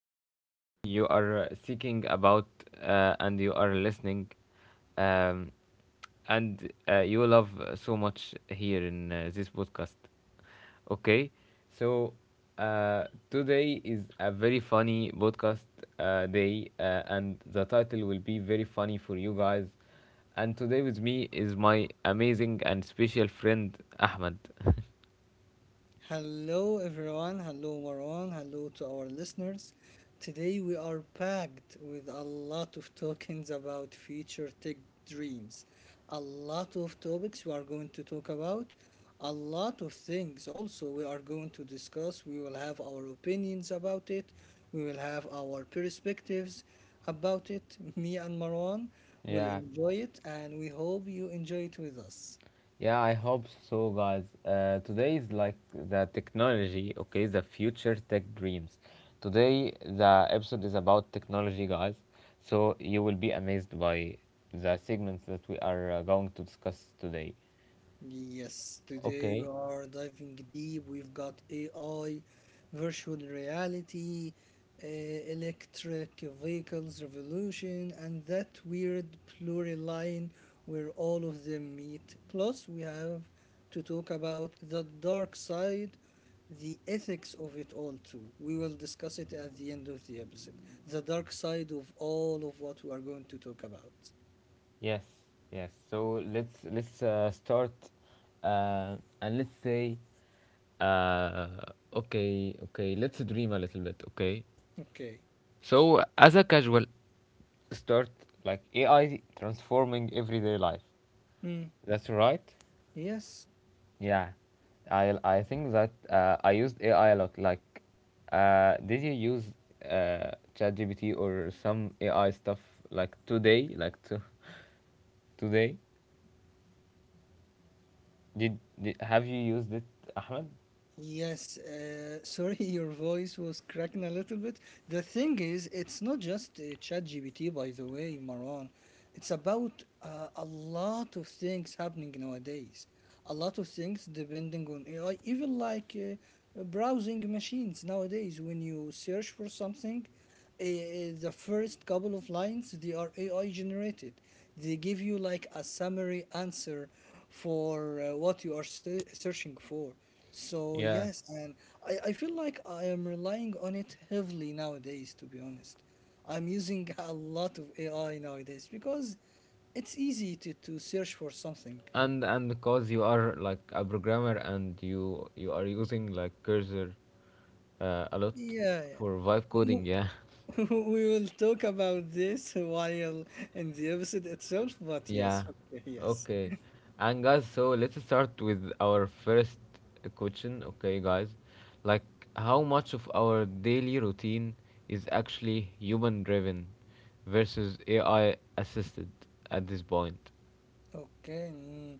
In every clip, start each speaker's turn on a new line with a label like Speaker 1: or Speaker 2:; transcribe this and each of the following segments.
Speaker 1: each and everything you are seeking about, and you are listening. Um, and you love so much here in this podcast. Okay, so uh, today is a very funny podcast day, and the title will be very funny for you guys. And today with me is my amazing and special friend Ahmed.
Speaker 2: Hello, everyone. Hello, Marwan. Hello to our listeners. Today, we are packed with a lot of talkings about future tech dreams, a lot of topics we are going to talk about, a lot of things also we are going to discuss. We will have our opinions about it, we will have our perspectives about it. Me and Marwan will
Speaker 1: Yeah,
Speaker 2: enjoy it, and we hope you enjoy it with us.
Speaker 1: yeah, I hope so, guys. Today is like the technology, okay, the future tech dreams. Today, the episode is about technology, guys. So you will be amazed by the segments that we are going to discuss today.
Speaker 2: Yes, today we
Speaker 1: Okay.
Speaker 2: are diving deep. We've got AI, virtual reality, electric vehicles revolution, and that weird pluriline where all of them meet. Plus, we have to talk about the dark side, the ethics of it all, too. We will discuss it at the end of the episode. The dark side of all of what we are going to talk about.
Speaker 1: Yes. Yes. So let's start, uh, and let's say, uh, okay, okay. Let's dream a little bit. Okay.
Speaker 2: Okay.
Speaker 1: So as a casual start, like AI transforming everyday life.
Speaker 2: Hmm.
Speaker 1: That's right.
Speaker 2: Yes.
Speaker 1: Yeah. I think that I used AI a lot. Like, did you use ChatGPT or some AI stuff like today? Like to today? Did have you used it, Ahmed?
Speaker 2: Yes, sorry, your voice was cracking a little bit. The thing is, it's not just ChatGPT, by the way, Maran. It's about a lot of things happening nowadays. A lot of things depending on AI, even like browsing machines nowadays. When you search for something, the first couple of lines they are AI generated. They give you like a summary answer for what you are searching for. So
Speaker 1: Yeah,
Speaker 2: yes, and I feel like I am relying on it heavily nowadays, to be honest. I'm using a lot of AI nowadays because it's easy to search for something.
Speaker 1: and because you are like a programmer and you are using like cursor a lot
Speaker 2: Yeah, yeah.
Speaker 1: for vibe coding. Yeah,
Speaker 2: w- we will talk about this while in the episode itself, but
Speaker 1: yeah.
Speaker 2: yes, okay, yes.
Speaker 1: Okay, and guys, so let's start with our first question. Okay, guys, like how much of our daily routine is actually human driven versus AI assisted at this point?
Speaker 2: Okay.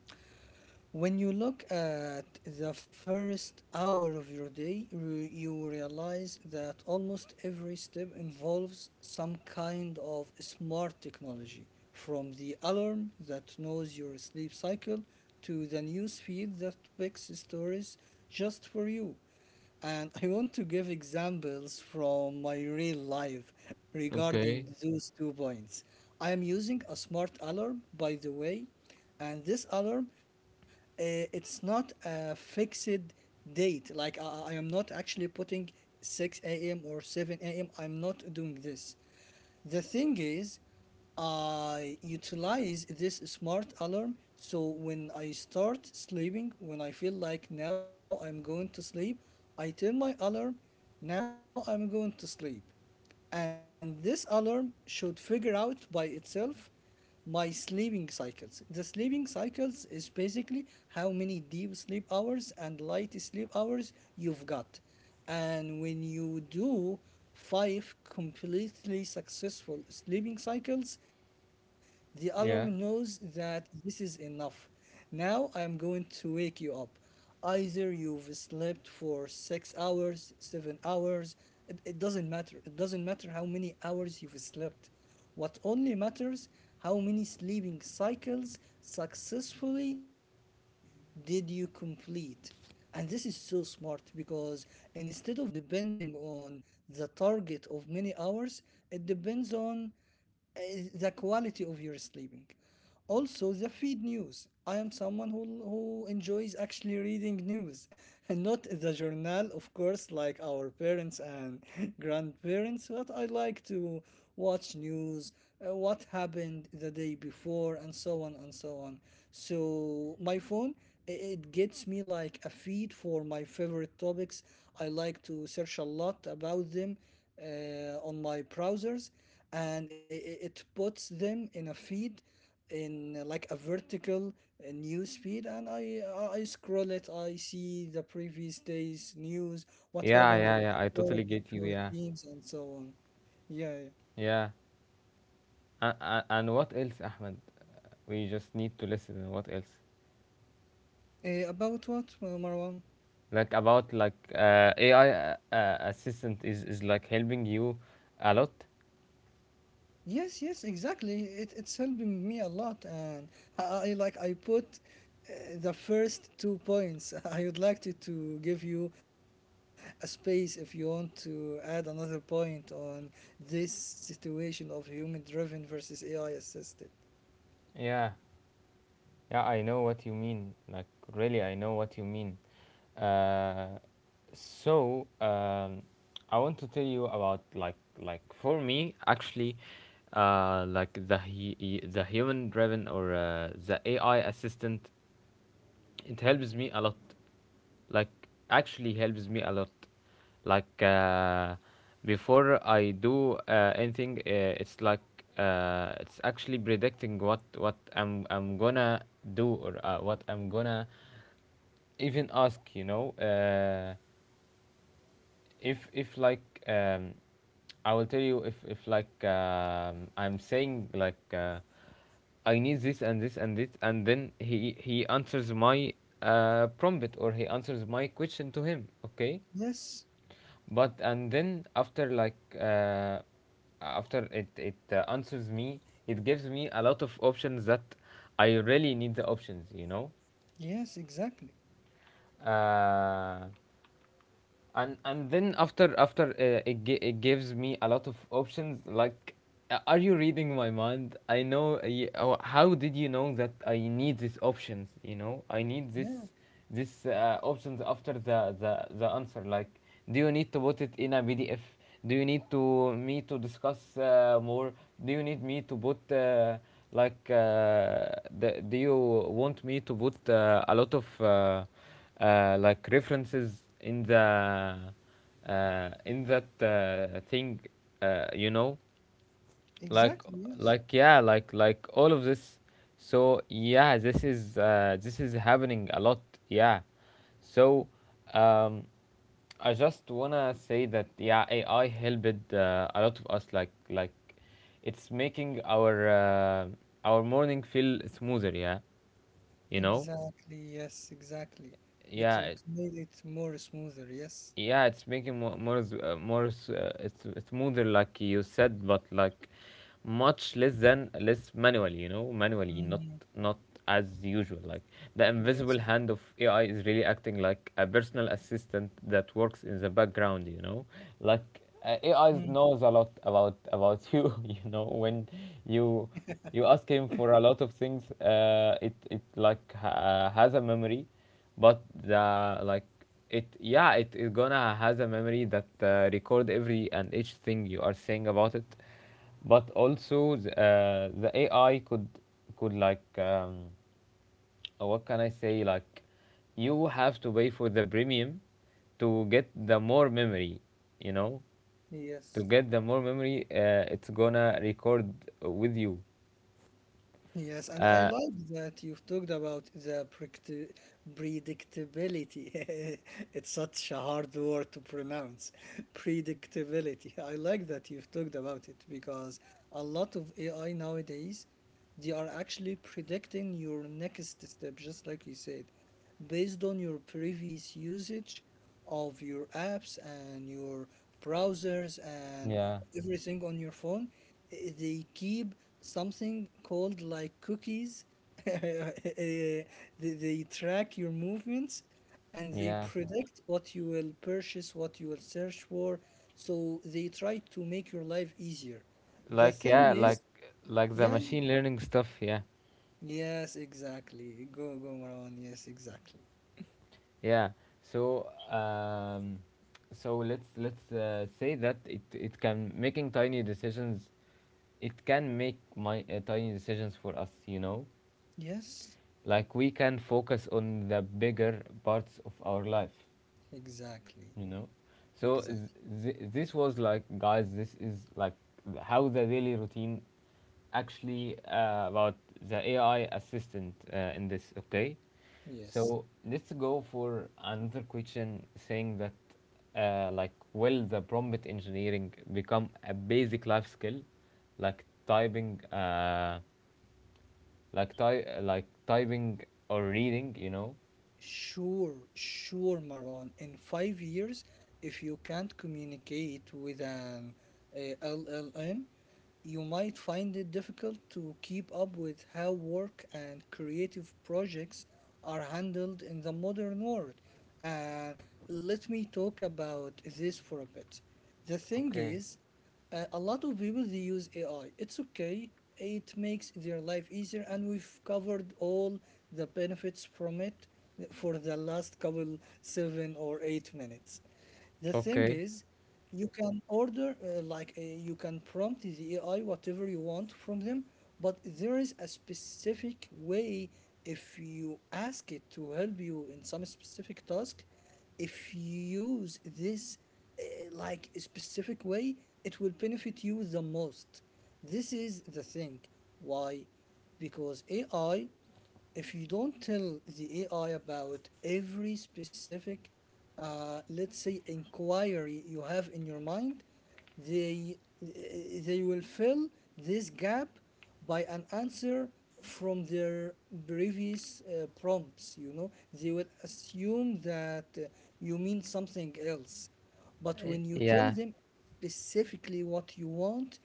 Speaker 2: When you look at the first hour of your day, you realize that almost every step involves some kind of smart technology, from the alarm that knows your sleep cycle to the news feed that picks stories just for you, and I want to give examples from my real life regarding
Speaker 1: Okay.
Speaker 2: those two points. I am using a smart alarm, by the way, and this alarm, it's not a fixed date. Like I am not actually putting 6 a.m. or 7 a.m. I'm not doing this. The thing is, I utilize this smart alarm so when I start sleeping, when I feel like now I'm going to sleep, I tell my alarm, now I'm going to sleep. And this alarm should figure out by itself my sleeping cycles. The sleeping cycles is basically how many deep sleep hours and light sleep hours you've got. And when you do 5 completely successful sleeping cycles, the alarm knows
Speaker 1: Yeah.
Speaker 2: that this is enough. Now I am going to wake you up. Either you've slept for 6 hours, 7 hours, it doesn't matter. It doesn't matter how many hours you've slept. What only matters how many sleeping cycles successfully did you complete. And this is so smart because instead of depending on the target of many hours, it depends on uh, the quality of your sleeping. Also the feed news, I am someone who enjoys actually reading news and not the journal, of course, like our parents and grandparents, but I like to watch news, what happened the day before and so on and so on. So my phone, it gets me like a feed for my favorite topics. I like to search a lot about them on my browsers, and it puts them in a feed in like a vertical news feed, and I scroll it. I see the previous day's news, what
Speaker 1: Yeah,
Speaker 2: happened
Speaker 1: yeah,
Speaker 2: in
Speaker 1: yeah.
Speaker 2: the
Speaker 1: I
Speaker 2: world,
Speaker 1: totally
Speaker 2: my
Speaker 1: get you.
Speaker 2: favorite
Speaker 1: Yeah,
Speaker 2: teams and so on. Yeah,
Speaker 1: yeah. And what else, Ahmed? We just need to listen. What else?
Speaker 2: yeah. About what Marwan.
Speaker 1: Like about like AI assistant is like helping you a lot.
Speaker 2: Yes, yes, exactly. It's helping me a lot, and I put the first two points. I would like to give you a space if you want to add another point on this situation of human-driven versus AI-assisted.
Speaker 1: Yeah, yeah. I know what you mean. Like really, I know what you mean. Uh, so um, I want to tell you about for me actually, like the the human driven or the AI assistant, it helps me a lot, like actually helps me a lot. like uh, Before I do anything, it's like, it's actually predicting what I'm gonna do, or what I'm gonna even ask, you know. If like um, I will tell you, if like, I'm saying like, I need this and this and this, and then he answers my prompt, or he answers my question to him. Okay,
Speaker 2: Yes,
Speaker 1: but and then after it answers me, it gives me a lot of options that I really need the options. You know.
Speaker 2: yes, exactly.
Speaker 1: Uh, and then after it, it gives me a lot of options like, are you reading my mind? I know, oh, how did you know that I need these options? You know, I need this,
Speaker 2: Yeah,
Speaker 1: this options after the, the answer. Like, do you need to put it in a pdf? Do you need to me to discuss more? Do you need me to put like uh, the, do you want me to put a lot of like references in the in that thing, you know, like
Speaker 2: exactly.
Speaker 1: like
Speaker 2: Yes,
Speaker 1: yeah, like all of this. So yeah, this is happening a lot. Yeah. So, um, I just wanna say that yeah, AI helped a lot of us, like it's making our morning feel smoother, yeah, you know.
Speaker 2: exactly. Yes, exactly.
Speaker 1: Yeah, it,
Speaker 2: It made it more smoother. Yes.
Speaker 1: yeah, it's making it's smoother like you said, but like much less manually, you know, manually, not
Speaker 2: Mm,
Speaker 1: not as usual. Like the invisible
Speaker 2: yes.
Speaker 1: hand of AI is really acting like a personal assistant that works in the background, you know. Like
Speaker 2: Mm,
Speaker 1: AI knows a lot about you know. When you you ask him for a lot of things, uh, it like has a memory, but the like, it, yeah, it is gonna has a memory that record every and each thing you are saying about it. But also the AI could like, what can I say, like you have to pay for the premium to get the more memory, you know, to
Speaker 2: yes.
Speaker 1: get the more memory. It's gonna record with you.
Speaker 2: Yes, and I like that you've talked about the predictability. It's such a hard word to pronounce. Predictability. I like that you've talked about it because a lot of AI nowadays, they are actually predicting your next step, just like you said, based on your previous usage of your apps and your browsers and
Speaker 1: Yeah,
Speaker 2: everything on your phone. They keep something called like cookies. Eh, they track your movements, and they
Speaker 1: yeah,
Speaker 2: predict what you will purchase, what you will search for, so they try to make your life easier. The
Speaker 1: like
Speaker 2: thing
Speaker 1: yeah,
Speaker 2: is,
Speaker 1: like the
Speaker 2: yeah,
Speaker 1: machine learning stuff, yeah.
Speaker 2: yes, exactly. Go, Marwan. Yes, exactly.
Speaker 1: Yeah. So, let's say that it can making tiny decisions. It can make my tiny decisions for us. You know,
Speaker 2: Yes,
Speaker 1: like we can focus on the bigger parts of our life,
Speaker 2: exactly.
Speaker 1: you know. so
Speaker 2: Exactly,
Speaker 1: th- this was like, guys, this is like how the daily routine actually about the AI assistant in this. Okay,
Speaker 2: yes.
Speaker 1: so let's go for another question saying that, like will the prompt engineering become a basic life skill, like typing, like typing or reading, you know?
Speaker 2: Sure, sure, Marwan. In 5 years, if you can't communicate with an LLM, you might find it difficult to keep up with how work and creative projects are handled in the modern world. Uh, let me talk about this for a bit. The thing
Speaker 1: Okay.
Speaker 2: is, a lot of people they use AI. It's okay. It makes their life easier, and we've covered all the benefits from it for the last couple 7 or 8 minutes. The thing
Speaker 1: Okay.
Speaker 2: is, you can order you can prompt the AI whatever you want from them, but there is a specific way. If you ask it to help you in some specific task, if you use this uh, like a specific way, it will benefit you the most. This is the thing. Why? Because AI, if you don't tell the AI about every specific, let's say, inquiry you have in your mind, they will fill this gap by an answer from their previous prompts. You know, they will assume that you mean something else, but when you tell
Speaker 1: Yeah.
Speaker 2: them specifically what you want,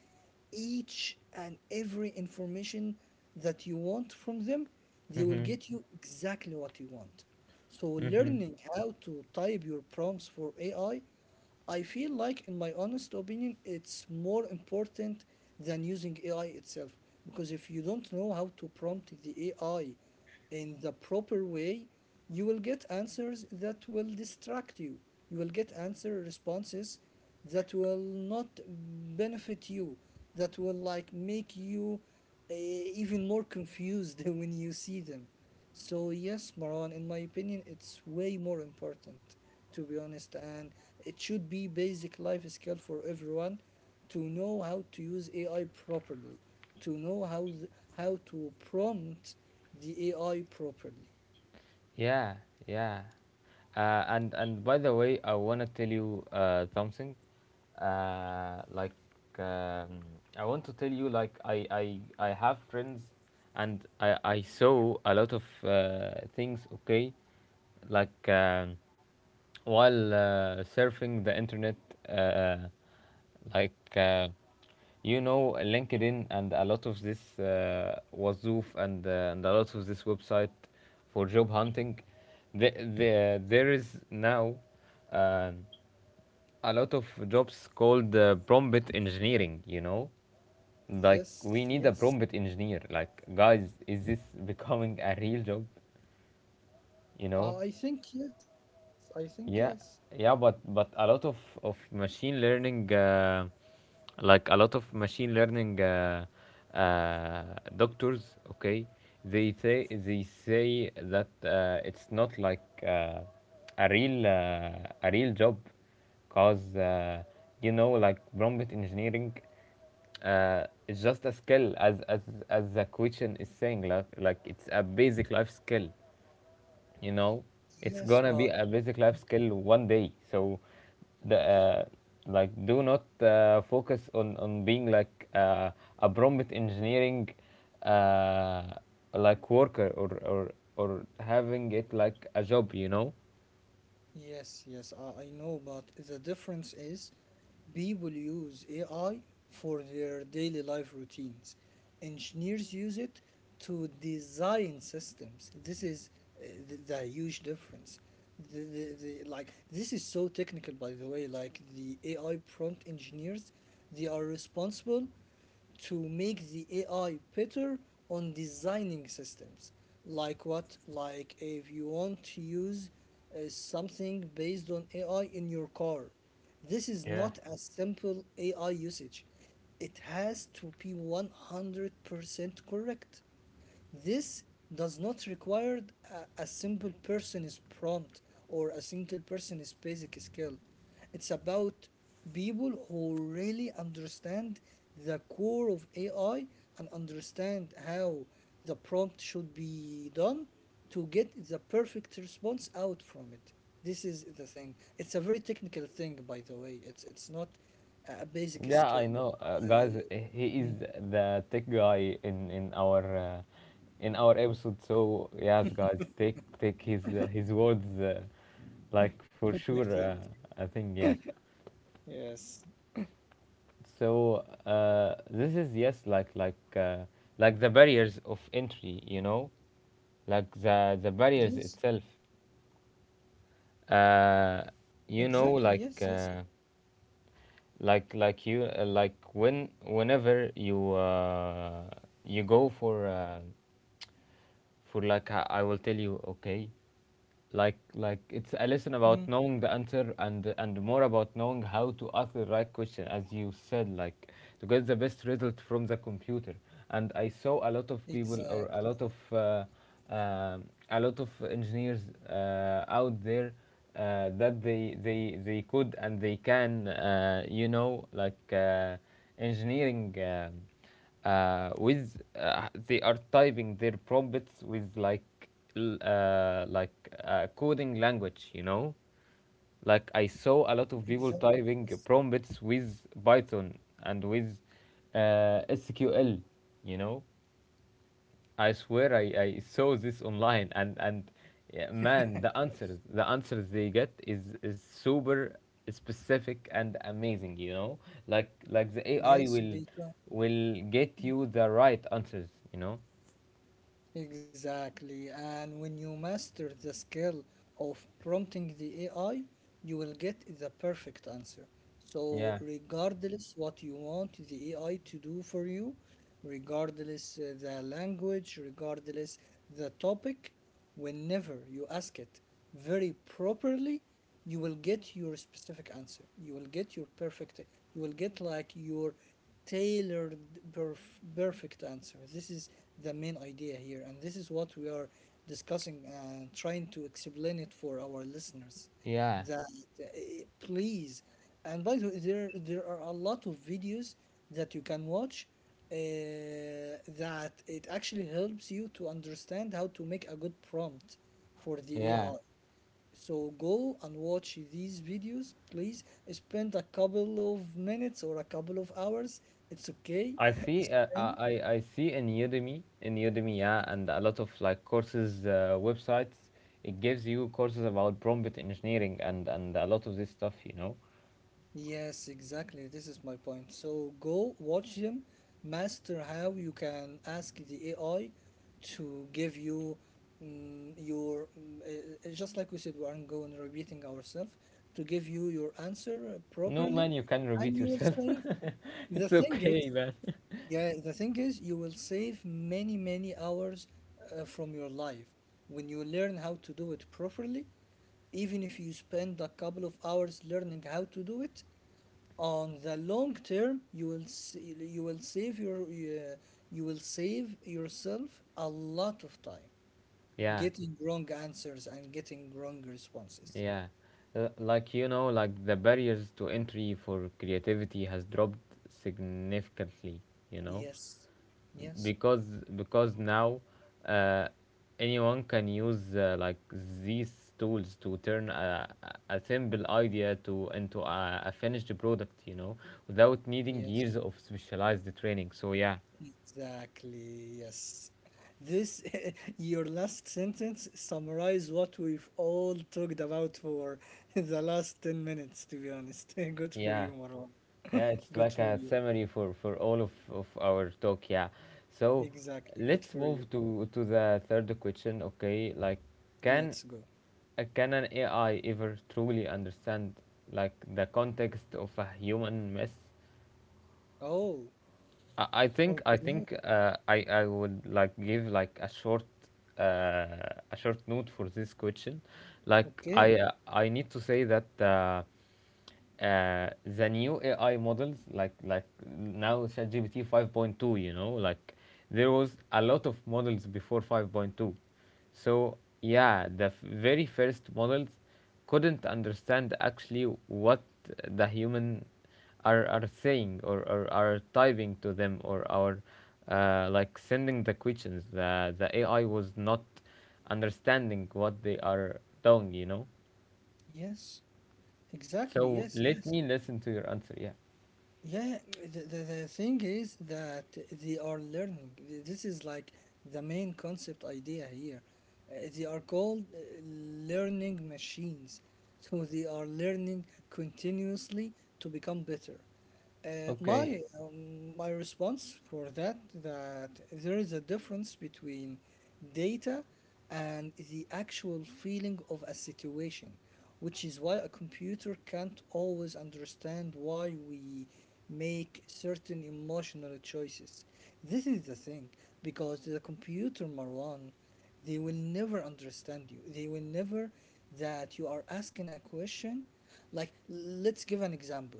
Speaker 2: each and every information that you want from them, they will
Speaker 1: Mm-hmm.
Speaker 2: get you exactly what you want. So
Speaker 1: Mm-hmm.
Speaker 2: learning how to type your prompts for AI, I feel like, in my honest opinion, it's more important than using AI itself, because if you don't know how to prompt the AI in the proper way, you will get answers that will distract you. You will get answer responses that will not benefit you, that will like make you even more confused when you see them. So yes, Marwan, in my opinion, it's way more important, to be honest, and it should be basic life skill for everyone to know how to use AI properly, to know how to prompt the AI properly.
Speaker 1: Yeah, yeah. And by the way, I wanna tell you something. Like, um, I want to tell you, like I have friends, and I saw a lot of things. Okay, like, while surfing the internet, uh, like uh, you know, linkedin and a lot of this wazoof, and a lot of this website for job hunting. the, there is now, um a lot of jobs called prompt engineering, you know, like,
Speaker 2: Yes,
Speaker 1: we
Speaker 2: yes.
Speaker 1: need a prompt engineer. Like, guys, is this becoming a real job, you know?
Speaker 2: I think yes.
Speaker 1: Yeah, yeah, but a lot of machine learning, like a lot of machine learning doctors, okay, they say that it's not like a real uh, a real job, cause, you know, like prompt engineering, it's just a skill, as the question is saying, like it's a basic life skill, you know. It's
Speaker 2: Yes,
Speaker 1: gonna
Speaker 2: but
Speaker 1: be a basic life skill one day. So the, like do not focus on being like a prompt engineering uh, like worker, or having it like a job, you know.
Speaker 2: yes, yes, I know, but the difference is people use AI for their daily life routines. Engineers use it to design systems. This is the huge difference. The, the, like this is so technical, by the way. Like the AI prompt engineers, they are responsible to make the AI better on designing systems. Like what? Like if you want to use something based on AI in your car, this is
Speaker 1: Yeah.
Speaker 2: not a simple AI usage. It has to be 100% correct. This does not require a simple person's prompt or a single person's basic skill. It's about people who really understand the core of AI and understand how the prompt should be done to get the perfect response out from it. This is the thing. It's a very technical thing, by the way. It's not a basic
Speaker 1: Yeah, I
Speaker 2: skill.
Speaker 1: know,
Speaker 2: I, I,
Speaker 1: guys. He is the tech guy in our episode. So yes, guys, take his words, like for
Speaker 2: I
Speaker 1: sure.
Speaker 2: think.
Speaker 1: I think yeah.
Speaker 2: Yes.
Speaker 1: So this is yes, like like the barriers of entry, you know, like the barriers
Speaker 2: Yes.
Speaker 1: itself. Uh, you know,
Speaker 2: Exactly, yes,
Speaker 1: like,
Speaker 2: yes.
Speaker 1: like you like when whenever you you go for like, I will tell you, okay, like it's a lesson
Speaker 2: Mm,
Speaker 1: about knowing the answer, and more about knowing how to ask the right question, as you said, like, to get the best result from the computer. And I saw a lot of people, or a
Speaker 2: exactly,
Speaker 1: lot of, um a lot of engineers out there, that they they could, and they can, you know, like, engineering, with they are typing their prompts with like, l- uh, like coding language, you know. Like, I saw a lot of people
Speaker 2: exactly,
Speaker 1: typing
Speaker 2: yes.
Speaker 1: prompts with python, and with sql, you know. I swear, I saw this online, and yeah, man, the answers, the answers they get is super specific and amazing, you know. Like the AI
Speaker 2: Yes, because
Speaker 1: will get you the right answers, you know.
Speaker 2: exactly. And when you master the skill of prompting the AI, you will get the perfect answer. So,
Speaker 1: Yeah.
Speaker 2: regardless what you want the AI to do for you, regardless the language, regardless the topic, whenever you ask it very properly, you will get your specific answer. You will get your perfect, you will get like your tailored, perfect answer. This is the main idea here, and this is what we are discussing and trying to explain it for our listeners,
Speaker 1: Yeah,
Speaker 2: that uh, please, and by the way, there are a lot of videos that you can watch, uh, that it actually helps you to understand how to make a good prompt for the
Speaker 1: yeah,
Speaker 2: AI. So go and watch these videos, please. Spend a couple of minutes or a couple of hours. It's okay.
Speaker 1: I see
Speaker 2: Spend.
Speaker 1: I see in Udemy, in Udemy, yeah, and a lot of like courses websites, it gives you courses about prompt engineering, and a lot of this stuff, you know.
Speaker 2: Yes, exactly. This is my point. So go watch them, master how you can ask the AI to give you just like we said, we aren't going repeating ourselves, to give you your answer
Speaker 1: No,
Speaker 2: properly,
Speaker 1: man, you can
Speaker 2: and
Speaker 1: repeat
Speaker 2: you will
Speaker 1: yourself.
Speaker 2: save. The
Speaker 1: It's
Speaker 2: thing
Speaker 1: okay,
Speaker 2: is,
Speaker 1: man.
Speaker 2: yeah, the thing is, you will save many, many hours from your life when you learn how to do it properly. Even if you spend a couple of hours learning how to do it, on the long term, you will save your you will save yourself a lot of time
Speaker 1: Yeah,
Speaker 2: getting wrong answers and getting wrong responses.
Speaker 1: yeah. Like, you know, like the barriers to entry for creativity has dropped significantly, you know,
Speaker 2: Yes, yes,
Speaker 1: because because now, uh, anyone can use like these tools to turn a simple idea to into a finished product, you know, without needing
Speaker 2: yes.
Speaker 1: years of specialized training. So yeah,
Speaker 2: Exactly, yes. This, your last sentence summarize what we've all talked about for the last 10 minutes, to be honest. Good for
Speaker 1: yeah.
Speaker 2: you, Marwan.
Speaker 1: Yeah, it's
Speaker 2: Good
Speaker 1: like
Speaker 2: for
Speaker 1: a
Speaker 2: you.
Speaker 1: summary for all of our talk, yeah. So
Speaker 2: Exactly, good
Speaker 1: let's
Speaker 2: for you.
Speaker 1: move to the third question, okay? Like, can,
Speaker 2: Let's go.
Speaker 1: can an AI ever truly understand like the context of a human mess?
Speaker 2: Oh,
Speaker 1: I I think I
Speaker 2: okay,
Speaker 1: think uh, I I would like give like uh, a short note for this question. Like
Speaker 2: okay.
Speaker 1: I need to say that, the new AI models like now ChatGPT 5.2, you know, like there was a lot of models before 5.2. So yeah, the very first models couldn't understand actually what the human are saying, or are typing to them, or are like sending the questions. The AI was not understanding what they are doing, you know?
Speaker 2: Yes, exactly.
Speaker 1: So
Speaker 2: Yes,
Speaker 1: let
Speaker 2: yes.
Speaker 1: me listen to your answer. Yeah.
Speaker 2: Yeah, the thing is that they are learning. This is like the main concept idea here. They are called learning machines. So they are learning continuously to become better.
Speaker 1: Okay.
Speaker 2: My response for that there is a difference between data and the actual feeling of a situation, which is why a computer can't always understand why we make certain emotional choices. This is the thing, because the computer, Marwan, they will never understand you. They will never that you are asking a question. Like, let's give an example.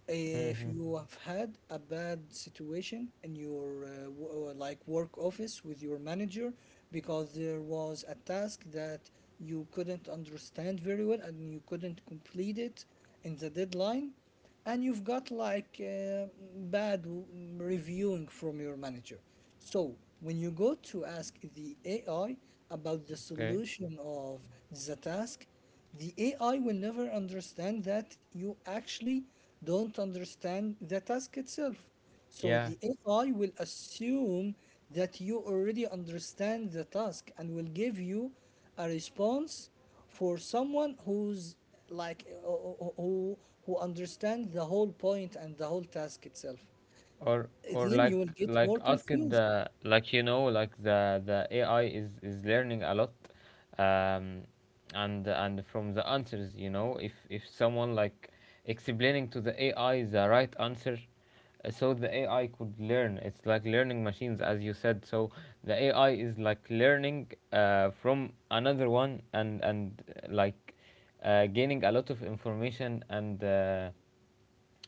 Speaker 2: If
Speaker 1: Mm-hmm.
Speaker 2: you have had a bad situation in your like work office with your manager because there was a task that you couldn't understand very well and you couldn't complete it in the deadline, and you've got like bad w- reviewing from your manager. So when you go to ask the AI about the
Speaker 1: Okay.
Speaker 2: solution of the task, the AI will never understand that you actually don't understand the task itself. So
Speaker 1: Yeah.
Speaker 2: the AI will assume that you already understand the task and will give you a response for someone who's like uh, who who who understands the whole point and the whole task itself.
Speaker 1: or or
Speaker 2: Then
Speaker 1: like
Speaker 2: you will get
Speaker 1: like
Speaker 2: more
Speaker 1: ask
Speaker 2: confused.
Speaker 1: the like the AI is learning a lot. Um and and from the answers, you know, if someone like explaining to the AI the right answer, so the AI could learn. It's like learning machines, as you said. So the AI is like learning from another one, and gaining a lot of information, and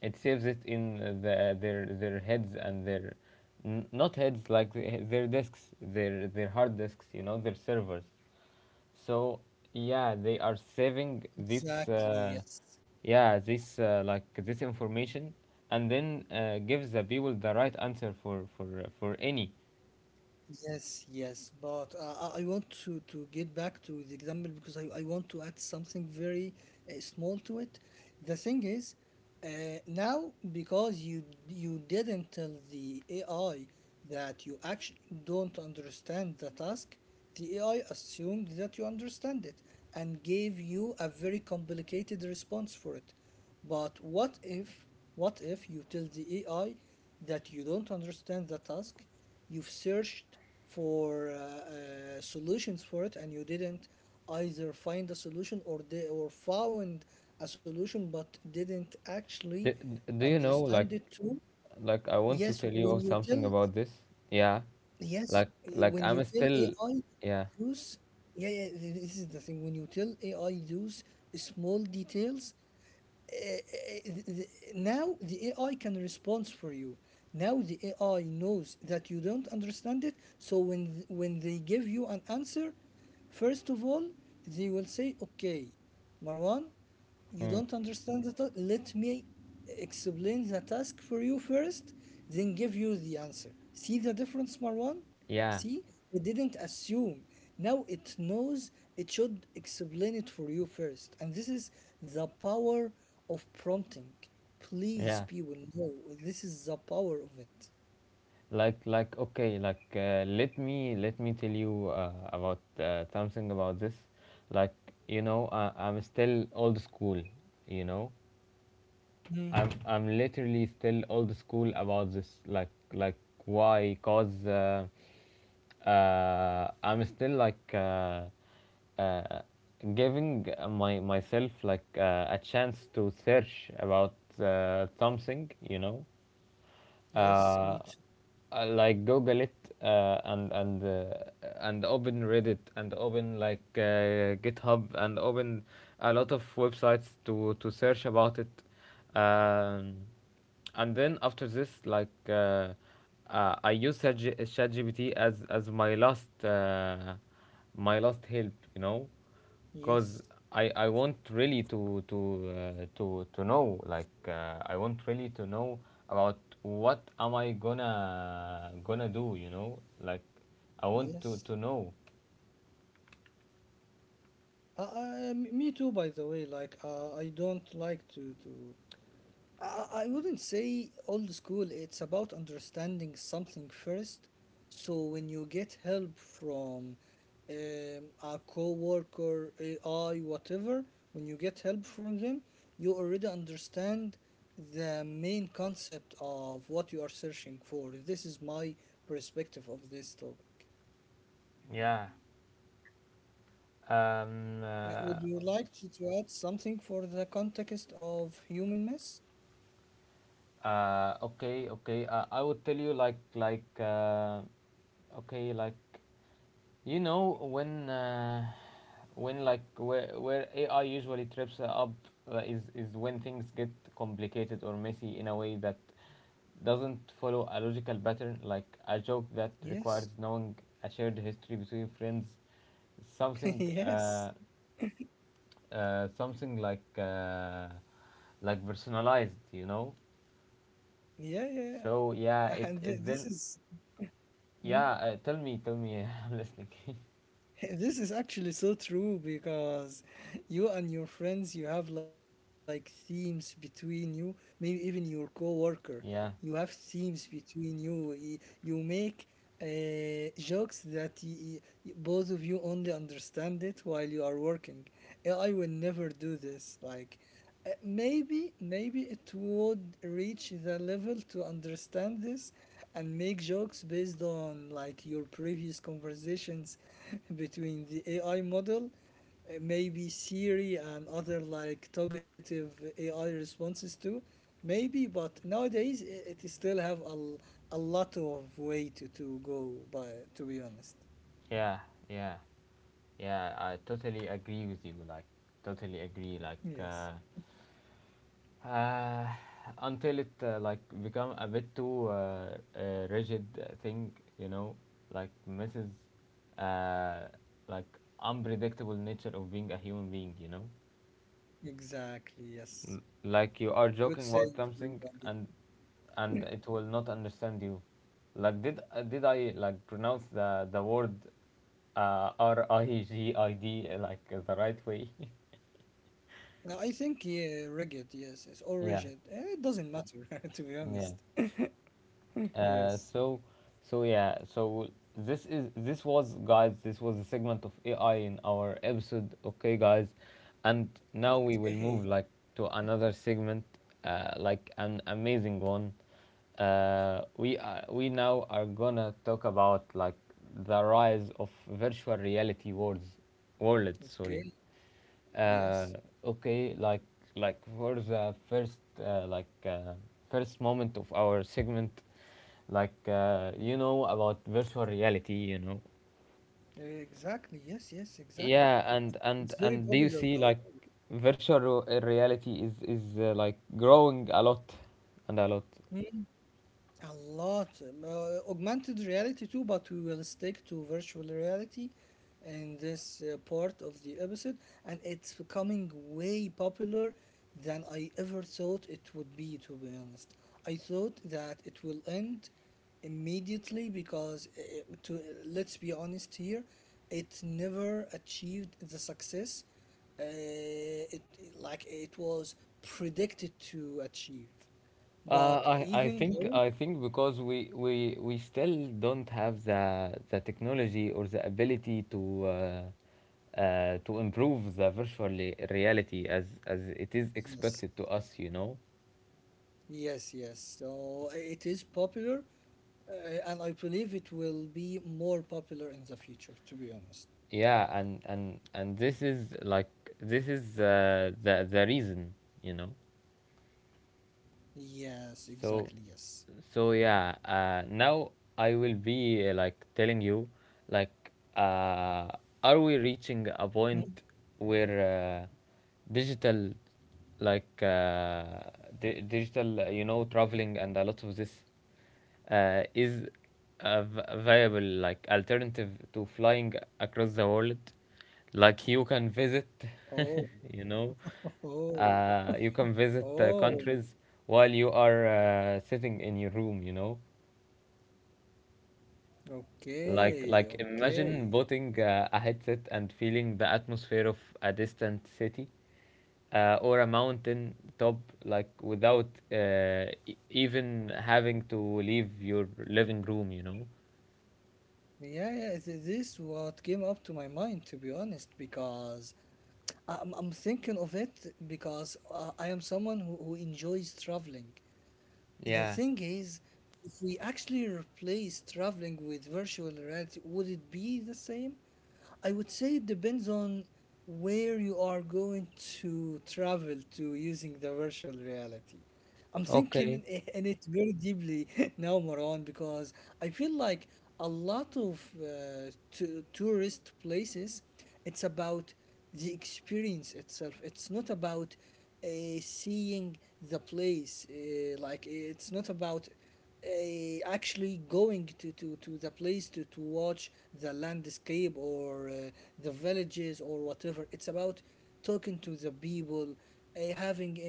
Speaker 1: it saves it in their heads and their— not heads, like the— their disks, their hard disks. You know, their servers. So yeah, they are saving this.
Speaker 2: Exactly, yes.
Speaker 1: Yeah, this, this information, and then gives the people the right answer for— for any.
Speaker 2: Yes, but I want to get back to the example because I want to add something very small to it. The thing is, uh, Now because you didn't tell the AI that you actually don't understand the task, the AI assumed that you understand it and gave you a very complicated response for it. But what if you tell the AI that you don't understand the task, you've searched for solutions for it and you didn't either find a solution or they or found a solution but didn't actually
Speaker 1: Do, do you know,
Speaker 2: understand
Speaker 1: like
Speaker 2: it too?
Speaker 1: like I want to
Speaker 2: Yes,
Speaker 1: tell
Speaker 2: when
Speaker 1: you
Speaker 2: you
Speaker 1: something
Speaker 2: tell
Speaker 1: about this? Yeah,
Speaker 2: yes, when you
Speaker 1: I'm
Speaker 2: tell
Speaker 1: still,
Speaker 2: AI
Speaker 1: yeah.
Speaker 2: use, this is the thing. When you tell AI use small details, uh, now the AI can respond for you. Now the AI knows that you don't understand it. So when they give you an answer, first of all they will say, "Okay, Marwan, you
Speaker 1: Hmm,
Speaker 2: don't understand the task. Let me explain the task for you first, then give you the answer." See the difference, Marwan?
Speaker 1: yeah,
Speaker 2: See? It didn't assume. Now it knows it should explain it for you first. And this is the power of prompting. Please,
Speaker 1: yeah.
Speaker 2: people, know this is the power of it.
Speaker 1: Okay, let me tell you about something about this. Like, you know, I, I'm still old school, you know.
Speaker 2: Mm.
Speaker 1: I'm literally still old school about this. Like why cause I'm still like, uh, giving my myself like a chance to search about something, you know.
Speaker 2: Yes,
Speaker 1: uh,
Speaker 2: me too.
Speaker 1: I, like google it, and and open Reddit and open like, GitHub, and open a lot of websites to search about it. um, and then after this, I use ChatGPT as my last— my last help, you know. Cause
Speaker 2: Yes,
Speaker 1: I— I want really to— to know, like, I want really to know about what am I gonna do, you know, like, I want to
Speaker 2: yes.
Speaker 1: know.
Speaker 2: Me too, by the way. Like, I don't like to I wouldn't say old school. It's about understanding something first. So when you get help from a coworker, AI, whatever, when you get help from them, you already understand the main concept of what you are searching for. This is my perspective of this topic.
Speaker 1: Yeah. Um, uh,
Speaker 2: Would you like to add something for the context of humanness?
Speaker 1: Okay, okay. I would tell you like, okay, like, you know, when like, where AI usually trips up is— is when things get complicated or messy in a way that doesn't follow a logical pattern, like a joke that requires
Speaker 2: Yes.
Speaker 1: knowing a shared history between friends, something
Speaker 2: Yes.
Speaker 1: uh, something like, like personalized, you know.
Speaker 2: Yeah, yeah.
Speaker 1: So yeah,
Speaker 2: yeah.
Speaker 1: it
Speaker 2: And thi-
Speaker 1: it
Speaker 2: this
Speaker 1: then
Speaker 2: is hmm?
Speaker 1: yeah. Tell me, tell me. I'm listening.
Speaker 2: This is actually so true because you and your friends you have like themes between you, maybe even your coworker. You have
Speaker 1: yeah,
Speaker 2: themes between you. You make jokes that both of you only understand it while you are working. AI will never do this. Maybe it would reach the level to understand this and make jokes based on like your previous conversations between the AI model, maybe Siri and other like talkative AI responses too. Maybe, but nowadays it still have a lot of way to go by to be honest.
Speaker 1: yeah, yeah, yeah, I totally agree with you. Like, totally agree.
Speaker 2: Yes.
Speaker 1: Uh, until it like become a bit too, rigid thing, you know, like misses uh, like unpredictable nature of being a human being. You know.
Speaker 2: Exactly, yes.
Speaker 1: L- Like you are
Speaker 2: Good
Speaker 1: joking
Speaker 2: saying
Speaker 1: about
Speaker 2: for you,
Speaker 1: something
Speaker 2: Agi.
Speaker 1: and it will not understand you. Like, did I like pronounce the word rigid the right way?
Speaker 2: I think yeah, rigid. Yes, yes, or
Speaker 1: Yeah,
Speaker 2: rigid. Eh, it doesn't matter, to be
Speaker 1: yeah.
Speaker 2: honest.
Speaker 1: Uh,
Speaker 2: Yes.
Speaker 1: so, so yeah, so this was, guys, this was a segment of AI in our episode. Okay, guys, and now we will move
Speaker 2: Okay.
Speaker 1: like to another segment, like an amazing one. We now are gonna talk about like the rise of virtual reality worlds, worlds. Sorry.
Speaker 2: Okay.
Speaker 1: uh,
Speaker 2: Yes.
Speaker 1: okay, for the first, uh, like uh, first moment of our segment. You know about virtual reality, you know.
Speaker 2: Exactly. Yes. Yes. Exactly.
Speaker 1: Yeah, and
Speaker 2: It's
Speaker 1: and
Speaker 2: very
Speaker 1: and do you
Speaker 2: popular
Speaker 1: see like
Speaker 2: nowadays.
Speaker 1: virtual reality is like growing a lot and a lot?
Speaker 2: Hmm? A lot. Augmented reality too, but we will stick to virtual reality in this part of the episode, and it's becoming way popular than I ever thought it would be, to be honest. I thought that it will end immediately because, to let's be honest here, it never achieved the success uh, it like it was predicted to achieve. But
Speaker 1: I
Speaker 2: even
Speaker 1: think—
Speaker 2: though
Speaker 1: I think because we still don't have the technology or the ability to improve the virtual reality as it is
Speaker 2: yes,
Speaker 1: expected to us, you know.
Speaker 2: it is popular, and I believe it will be more popular in the future, to be honest.
Speaker 1: Yeah, and this is like, this is the— the reason, you know.
Speaker 2: Yes,
Speaker 1: so
Speaker 2: exactly, yes.
Speaker 1: so yeah, now I will be like telling you, like, uh, are we reaching a
Speaker 2: Mm.
Speaker 1: point where, digital, like uh, digital, you know, traveling and a lot of this, is a viable like alternative to flying across the world. Like, you can visit,
Speaker 2: Oh,
Speaker 1: you know,
Speaker 2: oh,
Speaker 1: you can visit
Speaker 2: oh.
Speaker 1: countries while you are sitting in your room. You know, like,
Speaker 2: Okay,
Speaker 1: imagine
Speaker 2: okay.
Speaker 1: putting a headset and feeling the atmosphere of a distant city or a mountain top, like without even having to leave your living room, you know.
Speaker 2: Yeah, this what came up to my mind, to be honest, because I'm thinking of it because I am someone who enjoys traveling. The
Speaker 1: Yeah.
Speaker 2: thing is, if we actually replace traveling with virtual reality, would it be the same? I would say it depends on where you are going to travel to using the virtual reality. I'm
Speaker 1: Okay.
Speaker 2: thinking in it very deeply now, Marwan, because I feel like a lot of tourist places, it's about the experience itself. It's not about uh, seeing the place. Like it's not about actually going to the place to watch the landscape or the villages or whatever. It's about talking to the people, uh, having uh,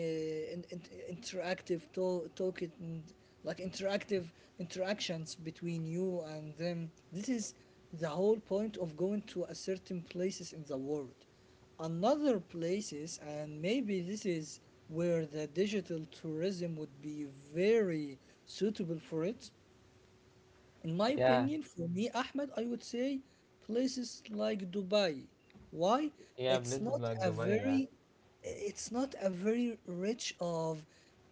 Speaker 2: in, in- interactive like interactive interactions between you and them. This is the whole point of going to a certain places in the world. Another places, and maybe this is where the digital tourism would be very suitable for it, in my
Speaker 1: Yeah.
Speaker 2: opinion, for me, Ahmed, I would say places like Dubai. Why?
Speaker 1: Yeah.
Speaker 2: It's
Speaker 1: Places
Speaker 2: not
Speaker 1: like
Speaker 2: a
Speaker 1: Dubai. Yeah.
Speaker 2: very, it's not a very rich of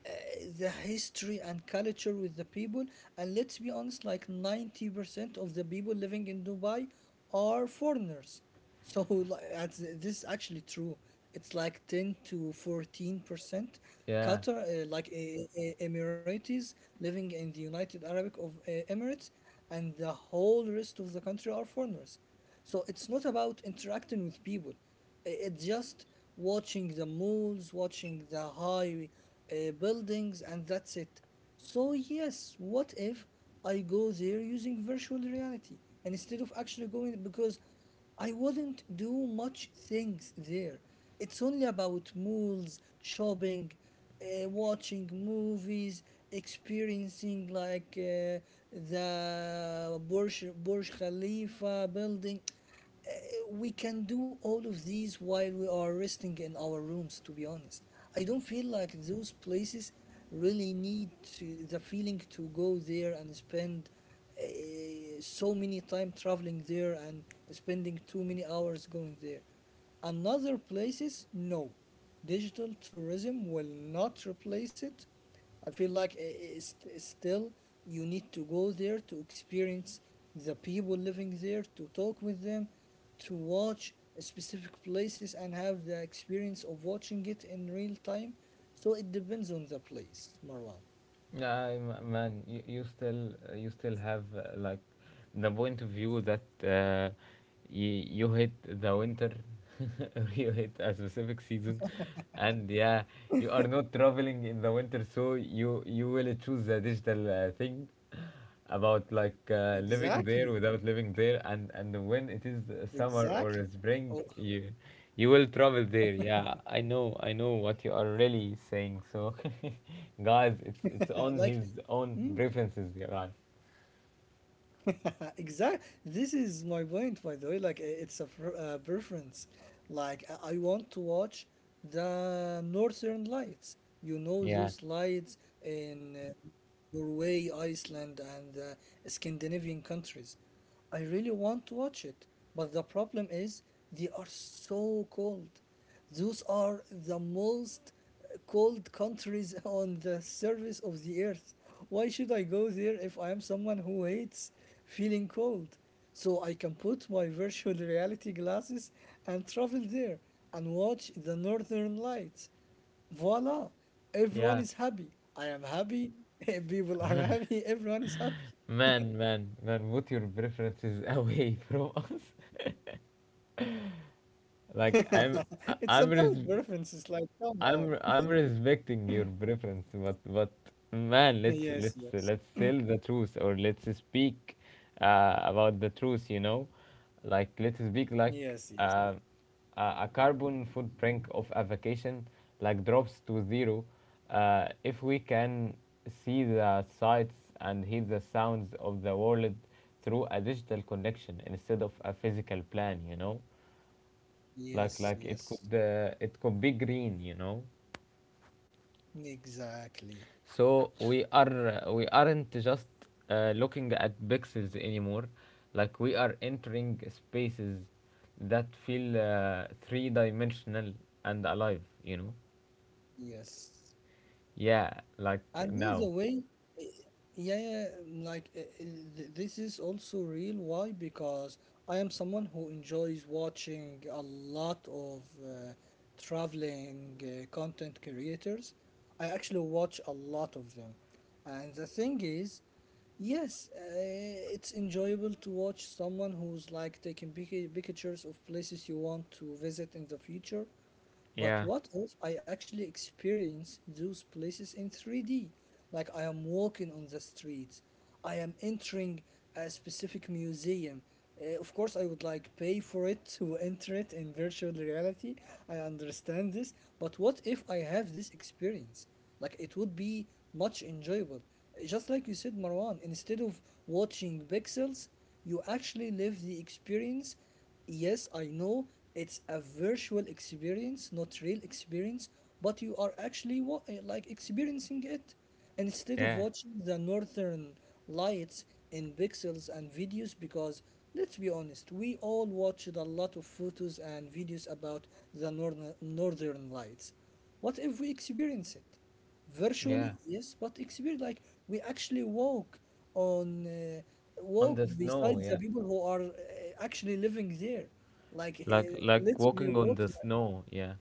Speaker 2: uh, the history and culture with the people. And let's be honest, like 90% of the people living in Dubai are foreigners. So like, this is actually true. It's like 10 to 14%.
Speaker 1: Yeah.
Speaker 2: Qatar, Emiratis living in the United Arab of Emirates, and the whole rest of the country are foreigners. So it's not about interacting with people. It's just watching the malls, watching the high buildings, and that's it. So yes, what if I go there using virtual reality and instead of actually going because I wouldn't do much things there. It's only about malls, shopping, watching movies, experiencing like the Burj Khalifa building. We can do all of these while we are resting in our rooms, to be honest. I don't feel like those places really need the feeling to go there and spend uh, so many time traveling there and spending too many hours going there. Another places, no. Digital tourism will not replace it. I feel like it's still you need to go there to experience the people living there, to talk with them, to watch specific places and have the experience of watching it in real time. So it depends on the place, Marwan.
Speaker 1: Yeah. Man, you, you still have like the point of view that, you— you hit the winter, or you hit a specific season, and yeah, you are not traveling in the winter, so you will choose the digital thing. About like, living there
Speaker 2: Exactly,
Speaker 1: without living there, and when it is summer
Speaker 2: exactly.
Speaker 1: or spring,
Speaker 2: Oh,
Speaker 1: you will travel there. Yeah, I know, I know what you are really saying. So, guys, it's on
Speaker 2: like,
Speaker 1: his own
Speaker 2: mm,
Speaker 1: preferences. Yeah, guys.
Speaker 2: exactly. This is my point, by the way. Like, it's a preference. Like, I want to watch the Northern Lights. You know
Speaker 1: Yeah.
Speaker 2: those lights in Norway, Iceland, and Scandinavian countries. I really want to watch it, but the problem is they are so cold. Those are the most cold countries on the surface of the earth. Why should I go there if I am someone who hates feeling cold? So I can put my virtual reality glasses and travel there and watch the northern lights. Voila! Everyone
Speaker 1: yeah
Speaker 2: is happy. I am happy. People are happy. Everyone is happy.
Speaker 1: Man, man, put your preferences away from us. Like, I'm—
Speaker 2: It's
Speaker 1: I'm
Speaker 2: about
Speaker 1: res—
Speaker 2: references. Like, come on.
Speaker 1: I'm respecting your preference, but man,
Speaker 2: Yes, yes.
Speaker 1: let's tell the truth, or let's speak about the truth. You know, like, let's speak like,
Speaker 2: Yes, yes.
Speaker 1: a carbon footprint of a vacation like drops to zero if we can see the sights and hear the sounds of the world through a digital connection instead of a physical plan. You know,
Speaker 2: Yes, yes.
Speaker 1: it could be green. You know.
Speaker 2: Exactly.
Speaker 1: So, we aren't just looking at pixels anymore, like we are entering spaces that feel three-dimensional and alive. You know?
Speaker 2: Yes.
Speaker 1: Yeah, like,
Speaker 2: And by
Speaker 1: now.
Speaker 2: the way, eh, yeah, like this is also real. Why? Because I am someone who enjoys watching a lot of traveling content creators. I actually watch a lot of them. And the thing is, yes, it's enjoyable to watch someone who's like taking pictures of places you want to visit in the future. But
Speaker 1: Yeah,
Speaker 2: what if I actually experience those places in 3D? Like I am walking on the streets, I am entering a specific museum. Of course, I would like pay for it to enter it in virtual reality. I understand this, but what if I have this experience? Like it would be much enjoyable. Just like you said, Marwan, instead of watching pixels, you actually live the experience. Yes, I know it's a virtual experience, not real experience, but you are actually like experiencing it. And instead of
Speaker 1: yeah,
Speaker 2: watching the northern lights in pixels and videos, because let's be honest, we all watched a lot of photos and videos about the northern lights. What if we experience it?
Speaker 1: yeah.
Speaker 2: Virtually, yes, but experience like we actually walk on
Speaker 1: On
Speaker 2: walk
Speaker 1: the snow.
Speaker 2: beside the
Speaker 1: Yeah,
Speaker 2: people who are actually living there, like
Speaker 1: like,
Speaker 2: literally
Speaker 1: walking on
Speaker 2: walk.
Speaker 1: the
Speaker 2: Like,
Speaker 1: snow. Yeah.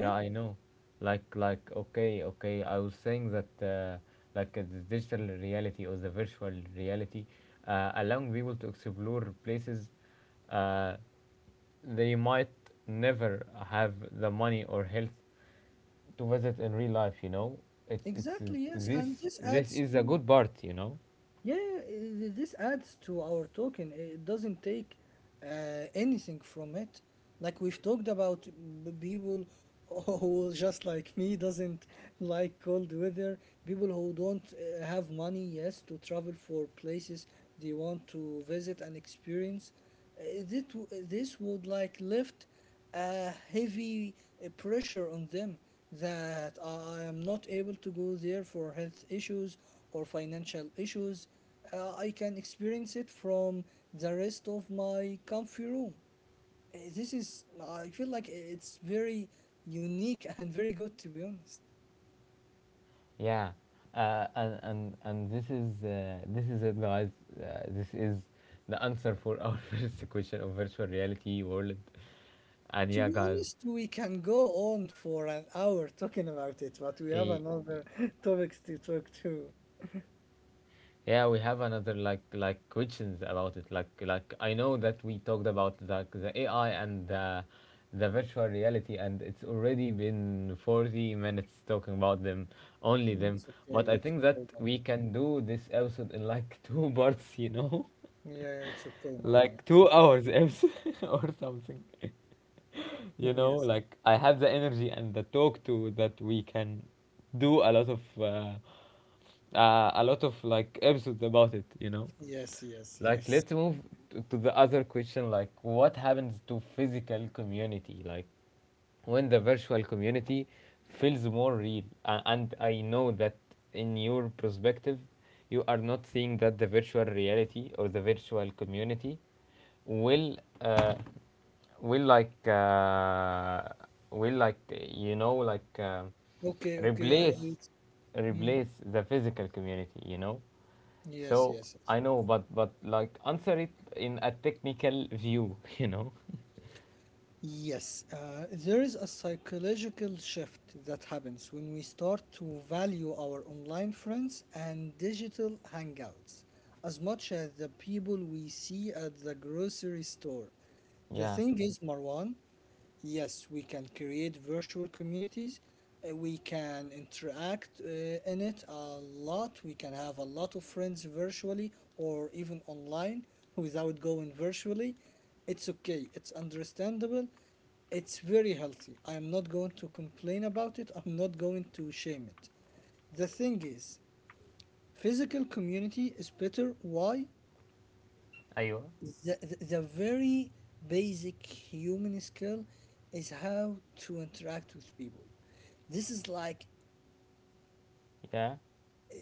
Speaker 1: Yeah, I know. Like, okay, okay. I was saying that, the digital reality or the virtual reality, allowing people to explore places uh, they might never have the money or health to visit in real life. You know, it's
Speaker 2: exactly, yes, and
Speaker 1: this—
Speaker 2: this
Speaker 1: this
Speaker 2: adds
Speaker 1: is a
Speaker 2: to.
Speaker 1: good part. You know.
Speaker 2: Yeah, this adds to our token. It doesn't take anything from it. Like we've talked about people who just like me doesn't like cold weather, people who don't have money, yes, to travel for places they want to visit and experience. Uh, this would like lift a heavy pressure on them that I am not able to go there for health issues or financial issues. I can experience it from the rest of my comfy room. Uh, This is, I feel like it's very unique and very good to be honest.
Speaker 1: Yeah, and this is it, guys. This is the answer for our first question of virtual reality world. And
Speaker 2: To
Speaker 1: yeah,
Speaker 2: be
Speaker 1: guys,
Speaker 2: honest, we can go on for an hour talking about it, but we have
Speaker 1: eh,
Speaker 2: another topics to talk to.
Speaker 1: yeah, we have another questions about it. Like, I know that we talked about the AI and the— the virtual reality, and it's already been 40 minutes talking about them, only them. But I
Speaker 2: It's
Speaker 1: think that
Speaker 2: okay,
Speaker 1: we
Speaker 2: Marwan.
Speaker 1: can do this episode in like two parts, you know.
Speaker 2: Yeah, it's okay, Marwan.
Speaker 1: Like,
Speaker 2: It's
Speaker 1: two
Speaker 2: okay.
Speaker 1: hours episode or something. You know,
Speaker 2: Yes,
Speaker 1: like, I have the energy and the talk to that we can do a lot of like episodes about it. You know.
Speaker 2: yes, yes,
Speaker 1: Like, let's
Speaker 2: yes.
Speaker 1: move to the other question. Like, what happens to physical community? Like, when the virtual community feels more real, and I know that in your perspective, you are not seeing that the virtual reality or the virtual community will, will like uh, will like you know like
Speaker 2: Okay, okay. I
Speaker 1: replace—
Speaker 2: always. Mm,
Speaker 1: replace the physical community, you know.
Speaker 2: yes,
Speaker 1: So,
Speaker 2: yes, yes.
Speaker 1: I know, but like, answer it in a technical view, you know.
Speaker 2: Yes, there is a psychological shift that happens when we start to value our online friends and digital hangouts as much as the people we see at the grocery store. The
Speaker 1: Yeah,
Speaker 2: thing is, Marwan, yes, we can create virtual communities. We can interact in it a lot. We can have a lot of friends virtually or even online without going virtually. It's okay. It's understandable. It's very healthy. I am not going to complain about it. I'm not going to shame it. The thing is, physical community is better. Why?
Speaker 1: ايوه,
Speaker 2: The very basic human skill is how to interact with people. This is like uh, the basic
Speaker 1: yeah,
Speaker 2: human skills,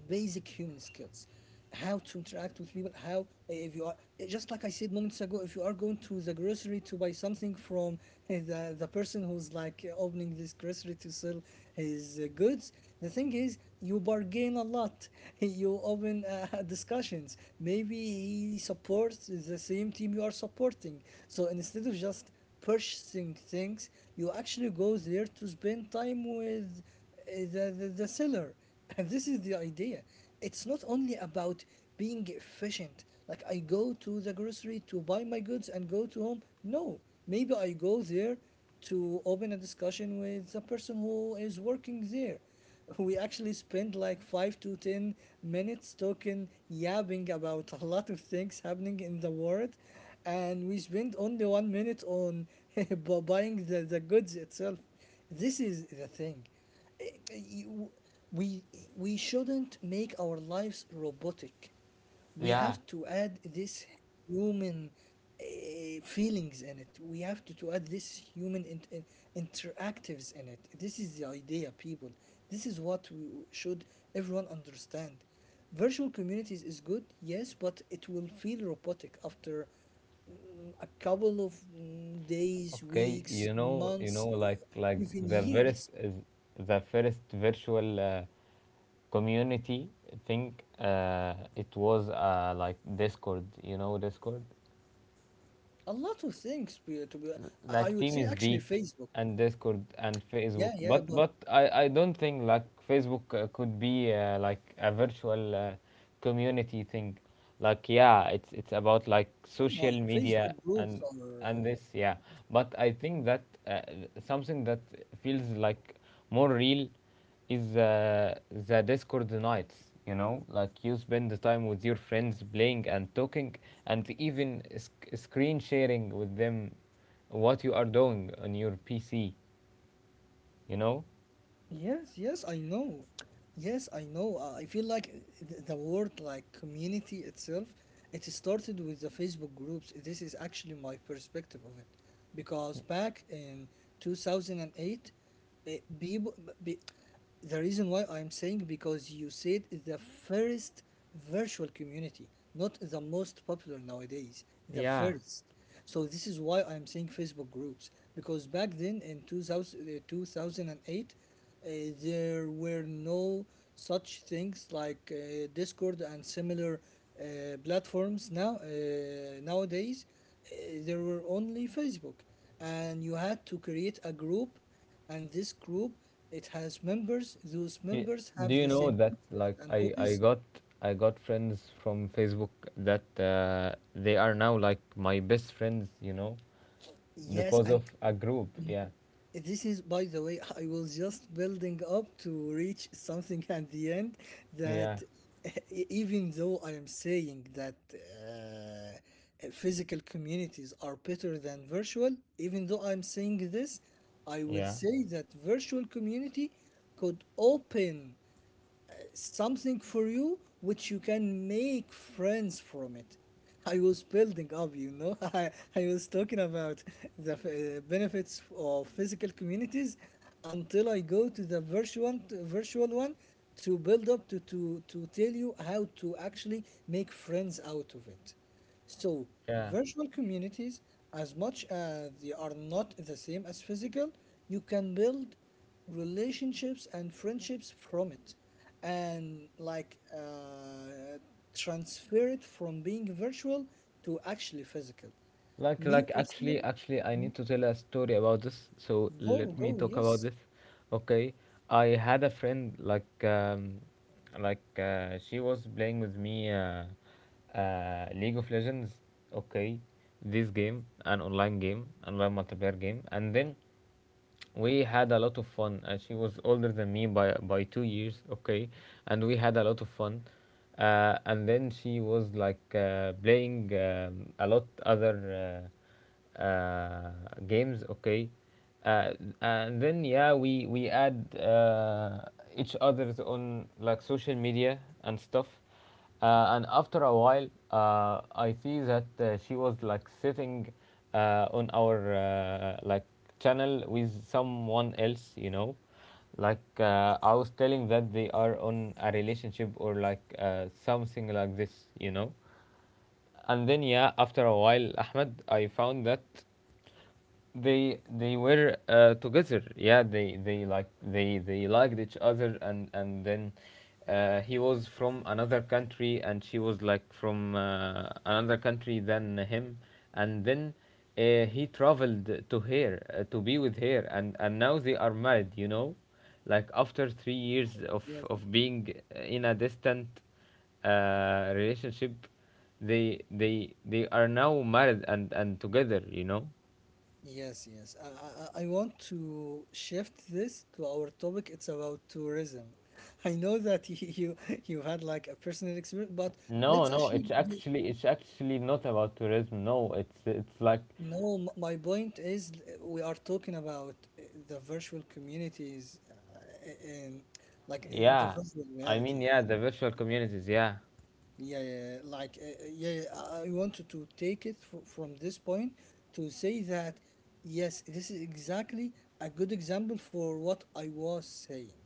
Speaker 2: how to interact with people, how if you are. Just like I said moments ago, if you are going to the grocery to buy something from the person who's like opening this grocery to sell his goods, the thing is, you bargain a lot. You open discussions. Maybe he supports the same team you are supporting. So instead of just purchasing things, you actually go there to spend time with the seller. And this is the idea. It's not only about being efficient, like I go to the grocery to buy my goods and go to home. No, maybe I go there to open a discussion with the person who is working there. We actually spend like 5 to 10 minutes talking, yabbing about a lot of things happening in the world, and we spend only 1 minute on buying the goods itself. This is the thing. Eh, eh, you- We we shouldn't make our lives robotic. We
Speaker 1: yeah.
Speaker 2: have to add this human uh, feelings in it. We have to add this human interactives in it. This is the idea, people. This is what we should everyone understand. Virtual communities is good, yes, but it will feel robotic after a couple of days,
Speaker 1: Okay,
Speaker 2: weeks,
Speaker 1: you know,
Speaker 2: months,
Speaker 1: like,
Speaker 2: even
Speaker 1: the first
Speaker 2: years.
Speaker 1: is the first virtual community thing. It was like Discord. You know Discord.
Speaker 2: A lot of things to be, I
Speaker 1: Like,
Speaker 2: would
Speaker 1: team
Speaker 2: say
Speaker 1: is
Speaker 2: actually
Speaker 1: big,
Speaker 2: Facebook.
Speaker 1: and Discord and
Speaker 2: Yeah,
Speaker 1: Facebook.
Speaker 2: yeah,
Speaker 1: But,
Speaker 2: but
Speaker 1: I don't think like Facebook could be like a virtual community thing. Like, yeah, it's about like
Speaker 2: come on,
Speaker 1: social media
Speaker 2: Facebook groups
Speaker 1: and
Speaker 2: are
Speaker 1: this. Yeah, but I think that something that feels like more real is the Discord nights. You know, like, you spend the time with your friends playing and talking, and even screen sharing with them what you are doing on your PC, you know?
Speaker 2: yes, yes, I know. Yes, I know. I feel like the word like community itself, it started with the Facebook groups. This is actually my perspective of it. Because back in 2008, it, people, be, the reason why I'm saying because you said the first virtual community, not the most popular nowadays, the
Speaker 1: Yeah.
Speaker 2: first. So this is why I'm saying Facebook groups, because back then in 2000, 2008, there were no such things like Discord and similar platforms now nowadays. Uh, there were only Facebook, and you had to create a group, and this group, it has members. Those
Speaker 1: Y-
Speaker 2: members
Speaker 1: Do
Speaker 2: have the
Speaker 1: you
Speaker 2: same
Speaker 1: know that,
Speaker 2: interests
Speaker 1: like,
Speaker 2: and
Speaker 1: I
Speaker 2: hobbies.
Speaker 1: got— I got friends from Facebook that they are now like my best friends, you know,
Speaker 2: Yes,
Speaker 1: because
Speaker 2: and
Speaker 1: of a group. Yeah.
Speaker 2: this is, by the way, I was just building up to reach something at the end
Speaker 1: Yeah.
Speaker 2: that even though I am saying that physical communities are better than virtual, even though I'm saying this, I will
Speaker 1: Yeah.
Speaker 2: say that virtual community could open something for you which you can make friends from it. I was building up, you know. I was talking about the benefits of physical communities until I go to the virtual one to build up to to tell you how to actually make friends out of it. So
Speaker 1: Yeah.
Speaker 2: virtual communities, as much as they are not the same as physical, you can build relationships and friendships from it, and like transfer it from being virtual to actually physical. Me
Speaker 1: Like,
Speaker 2: personally,
Speaker 1: actually, actually, I
Speaker 2: mm,
Speaker 1: need to tell a story about this. So
Speaker 2: go,
Speaker 1: let
Speaker 2: go,
Speaker 1: me talk
Speaker 2: yes,
Speaker 1: about this. Okay, I had a friend, like, she was playing with me, League of Legends. Okay, this game, an online game, online multiplayer game, and then we had a lot of fun. She was older than me by 2 years, okay, and we had a lot of fun. And then she was like playing, a lot other, uh, uh, games, okay. Uh, and then yeah, we add each other's on like social media and stuff, and after a while, I see that she was like sitting on our, channel with someone else, you know. Like, I was telling that they are on a relationship or like, something like this, you know. And then yeah, after a while, Ahmed, I found that they were together. Yeah, they liked each other, and then he was from another country and she was like from another country than him. And then he traveled to her, to be with her, and now they are married, you know, like after 3 years
Speaker 2: yes,
Speaker 1: of being in a distant relationship. They are now married and together, you know.
Speaker 2: yes, yes. I want to shift this to our topic. It's about tourism. I know that you've had like a personal experience, but
Speaker 1: No,
Speaker 2: let's
Speaker 1: no,
Speaker 2: actually,
Speaker 1: it's actually not about tourism. No, it's like
Speaker 2: no, my point is we are talking about the virtual communities in like in the
Speaker 1: yeah.
Speaker 2: virtual reality.
Speaker 1: The virtual communities, yeah.
Speaker 2: Yeah, yeah, yeah, like yeah, yeah, I wanted to take it fr from this point to say that yes, this is exactly a good example for what I was saying.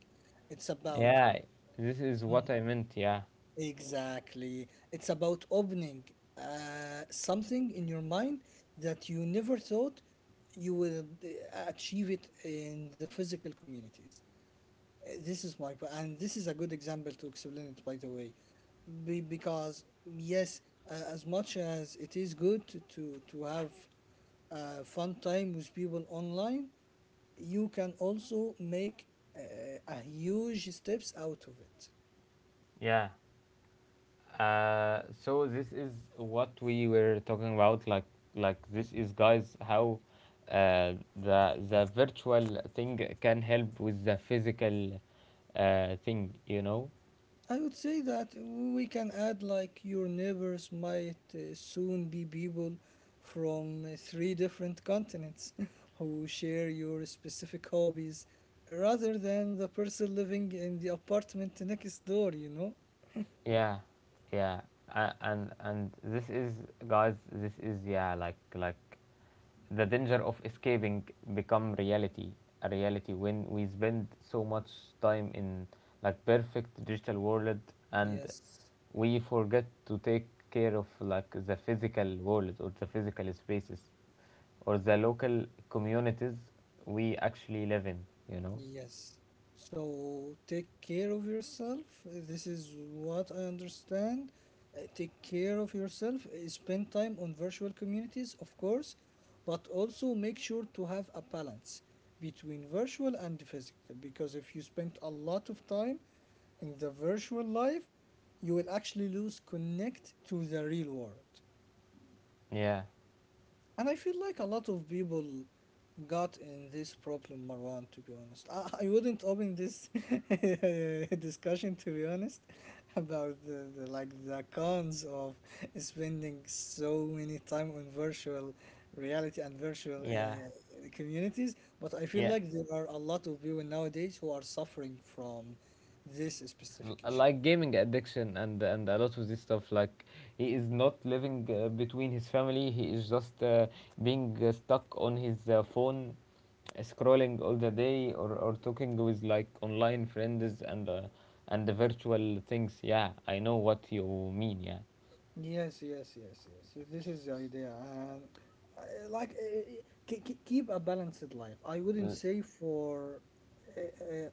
Speaker 2: It's about
Speaker 1: Yeah. This is what I meant, yeah.
Speaker 2: exactly. It's about opening something in your mind that you never thought you will achieve it in the physical communities. This is my po- And this is a good example to explain it, by the way, because yes, as much as it is good to to have a fun time with people online, you can also make a huge steps out of it.
Speaker 1: Yeah. So this is what we were talking about. Like this is, guys, how the virtual thing can help with the physical thing, you know?
Speaker 2: I would say that we can add like your neighbors might soon be people from three different continents who share your specific hobbies rather than the person living in the apartment next door, you know?
Speaker 1: Yeah, yeah, and this is, guys, this is, yeah, like the danger of escaping become reality, a reality when we spend so much time in like perfect digital world, and
Speaker 2: Yes.
Speaker 1: we forget to take care of like the physical world or the physical spaces or the local communities we actually live in, you know?
Speaker 2: Yes. So take care of yourself. This is what I understand. Take care of yourself. Spend time on virtual communities, of course, but also make sure to have a balance between virtual and physical. Because if you spend a lot of time in the virtual life, you will actually lose connect to the real world.
Speaker 1: Yeah,
Speaker 2: And I feel like a lot of people got in this problem, Marwan, to be honest. I wouldn't open this discussion, to be honest, about the cons of spending so many time on virtual reality and virtual
Speaker 1: yeah,
Speaker 2: communities. But I feel
Speaker 1: yeah.
Speaker 2: like there are a lot of people nowadays who are suffering from this specific issue.
Speaker 1: Like gaming addiction and a lot of this stuff. Like, he is not living between his family, he is just being stuck on his phone, scrolling all the day, or talking with like online friends, and the virtual things. Yeah, I know what you mean, yeah.
Speaker 2: Yes, yes, yes, yes. This is the idea, and like keep a balanced life. I wouldn't
Speaker 1: L-
Speaker 2: say for uh,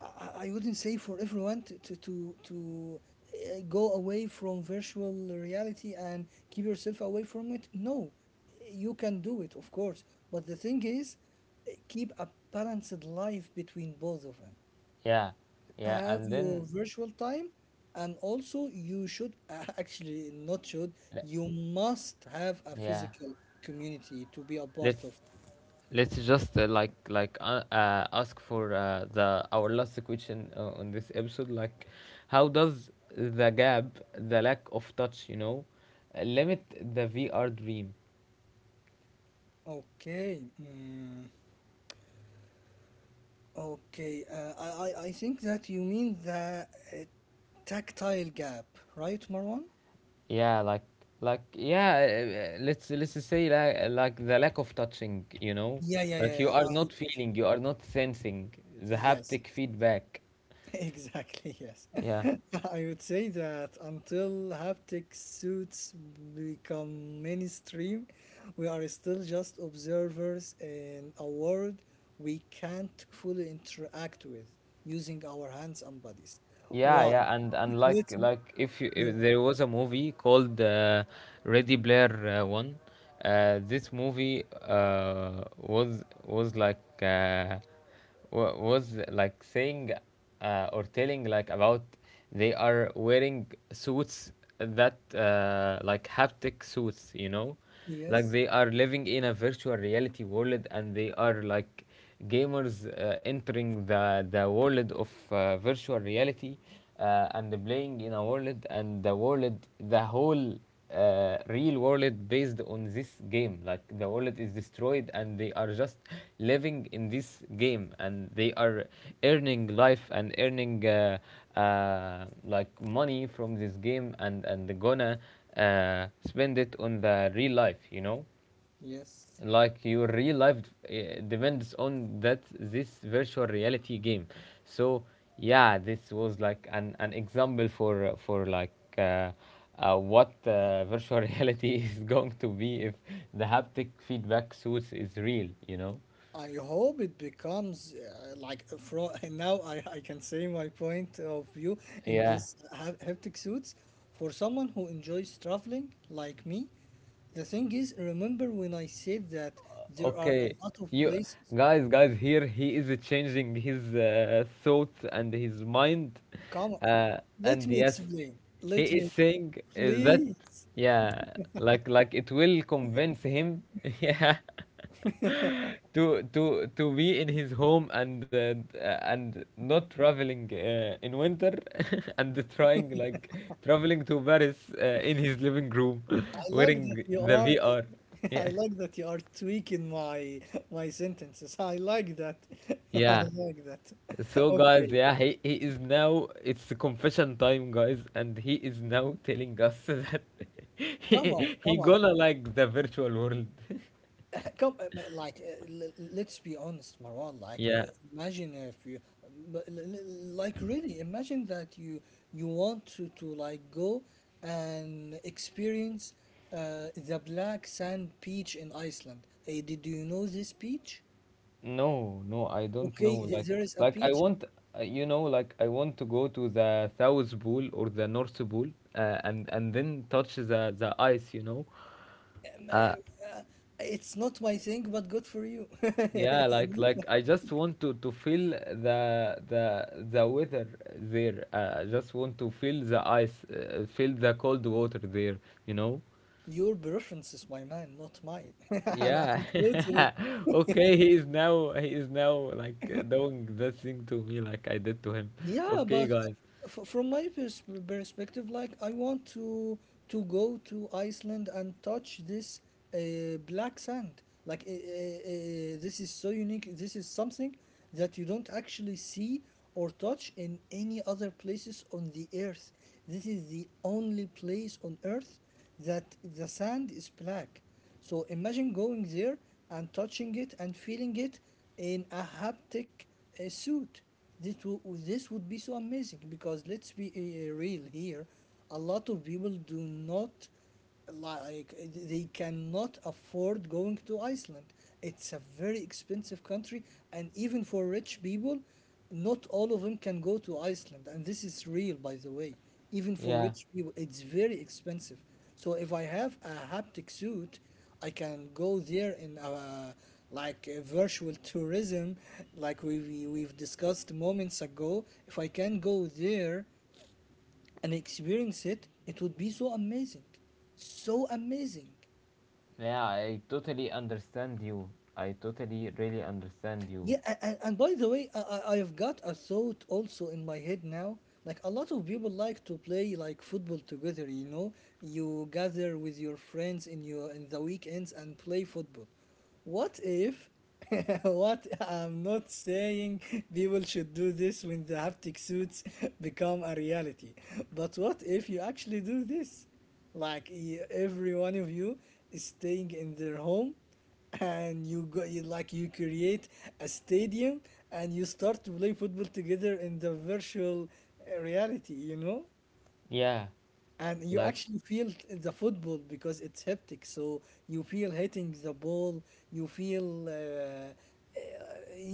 Speaker 2: I wouldn't say for everyone to to go away from virtual reality and keep yourself away from it. No, you can do it, of course. But the thing is, keep a balanced life between both of them.
Speaker 1: yeah, yeah,
Speaker 2: Have
Speaker 1: and then
Speaker 2: your virtual time, and also you should actually not should,
Speaker 1: le-
Speaker 2: you must have a
Speaker 1: yeah,
Speaker 2: physical community to be a part
Speaker 1: let's.
Speaker 2: of.
Speaker 1: Let's just ask for the our last question on this episode. Like, how does the gap, the lack of touch, you know, limit the VR dream?
Speaker 2: Okay, mm, okay, I think that you mean the uh, tactile gap, right, Marwan?
Speaker 1: Yeah, like yeah. Let's say like the lack of touching. You know,
Speaker 2: Yeah, yeah,
Speaker 1: like
Speaker 2: yeah,
Speaker 1: you
Speaker 2: yeah.
Speaker 1: are
Speaker 2: I
Speaker 1: not
Speaker 2: totally,
Speaker 1: feeling, you are not sensing the
Speaker 2: yes.
Speaker 1: haptic feedback.
Speaker 2: Exactly, yes.
Speaker 1: Yeah.
Speaker 2: I would say that until haptic suits become mainstream, we are still just observers in a world we can't fully interact with using our hands and bodies.
Speaker 1: Yeah,
Speaker 2: Why?
Speaker 1: yeah, and
Speaker 2: Let me,
Speaker 1: like if you,
Speaker 2: yeah,
Speaker 1: if there was a movie called Ready Player One, this movie was like saying or telling like about they are wearing suits that like haptic suits, you know,
Speaker 2: yes,
Speaker 1: like they are living in a virtual reality world, and they are like gamers entering the world of virtual reality, and playing in a world. And the world, the whole real world based on this game. Like, the world is destroyed and they are just living in this game, and they are earning life and earning like money from this game, and gonna spend it on the real life, you know,
Speaker 2: yes.
Speaker 1: like your real life depends on that this virtual reality game. So yeah, this was like an example for like uh, what virtual reality is going to be if the haptic feedback suits is real, you know.
Speaker 2: I hope it becomes like from now. I can say my point of view in
Speaker 1: Yeah.
Speaker 2: this haptic suits for someone who enjoys traveling like me. The thing is, remember when I said that there are a
Speaker 1: Okay,
Speaker 2: lot of
Speaker 1: you,
Speaker 2: places.
Speaker 1: guys, guys, here he is changing his thoughts and his mind,
Speaker 2: Come on,
Speaker 1: uh,
Speaker 2: let
Speaker 1: and
Speaker 2: me
Speaker 1: yes,
Speaker 2: explain.
Speaker 1: he
Speaker 2: Let
Speaker 1: is
Speaker 2: me,
Speaker 1: saying that,
Speaker 2: please.
Speaker 1: yeah, like it will convince him, yeah, to be in his home and and not traveling in winter, and trying like traveling to Paris in his living room,
Speaker 2: I like that
Speaker 1: wearing
Speaker 2: you
Speaker 1: the
Speaker 2: are.
Speaker 1: VR,
Speaker 2: I
Speaker 1: yeah,
Speaker 2: like that you are tweaking my my sentences. I like that. I
Speaker 1: yeah.
Speaker 2: like that.
Speaker 1: So guys,
Speaker 2: Okay,
Speaker 1: yeah, he is now, it's the confession time, guys, and he is now telling us that
Speaker 2: come on,
Speaker 1: he
Speaker 2: come on.
Speaker 1: gonna like the virtual world.
Speaker 2: Like, let's be honest, Marwan. Like,
Speaker 1: Yeah.
Speaker 2: imagine if you, but like, really, imagine that you want to like go and experience the black sand beach in Iceland. Did you know this beach?
Speaker 1: No, no, I don't know.
Speaker 2: Okay, there is a
Speaker 1: Like I
Speaker 2: beach.
Speaker 1: want, you know, like I want to go to the South Pole or the North Pole, and then touch the ice, you know.
Speaker 2: Um,
Speaker 1: Uh,
Speaker 2: uh, uh, it's not my thing, but good for you.
Speaker 1: Yeah, like I just want to feel the weather there. I just want to feel the ice, feel the cold water there, you know?
Speaker 2: Your preferences, my man, not mine.
Speaker 1: Yeah.
Speaker 2: I'm totally,
Speaker 1: Okay, he is now like doing that thing to me like I did to him.
Speaker 2: yeah,
Speaker 1: Okay,
Speaker 2: but
Speaker 1: guys.
Speaker 2: f from my perspective, like I want to go to Iceland and touch this black sand. This is so unique. This is something that you don't actually see or touch in any other places on the earth. This is the only place on earth that the sand is black. So imagine going there and touching it and feeling it in a haptic suit. This, this would be so amazing, because let's be real here. A lot of people do not like they cannot afford going to Iceland. It's a very expensive country, and even for rich people, not all of them can go to Iceland. And this is real, by the way. Even for
Speaker 1: Yeah,
Speaker 2: rich people, it's very expensive. So if I have a haptic suit, I can go there in like a virtual tourism, like we we've discussed moments ago. If I can go there and experience it, it would be so amazing, so amazing.
Speaker 1: yeah, I totally understand you. I totally really understand you.
Speaker 2: Yeah, and by the way, I've got a thought also in my head now. Like a lot of people like to play like football together, you know? You gather with your friends in your in the weekends and play football. What if what I'm not saying people should do this when the haptic suits become a reality. But what if you actually do this? Like every one of you is staying in their home, and you go, you like you create a stadium and you start to play football together in the virtual reality, you know.
Speaker 1: Yeah,
Speaker 2: And you
Speaker 1: like
Speaker 2: actually feel the football, because it's haptic, so you feel hitting the ball, you feel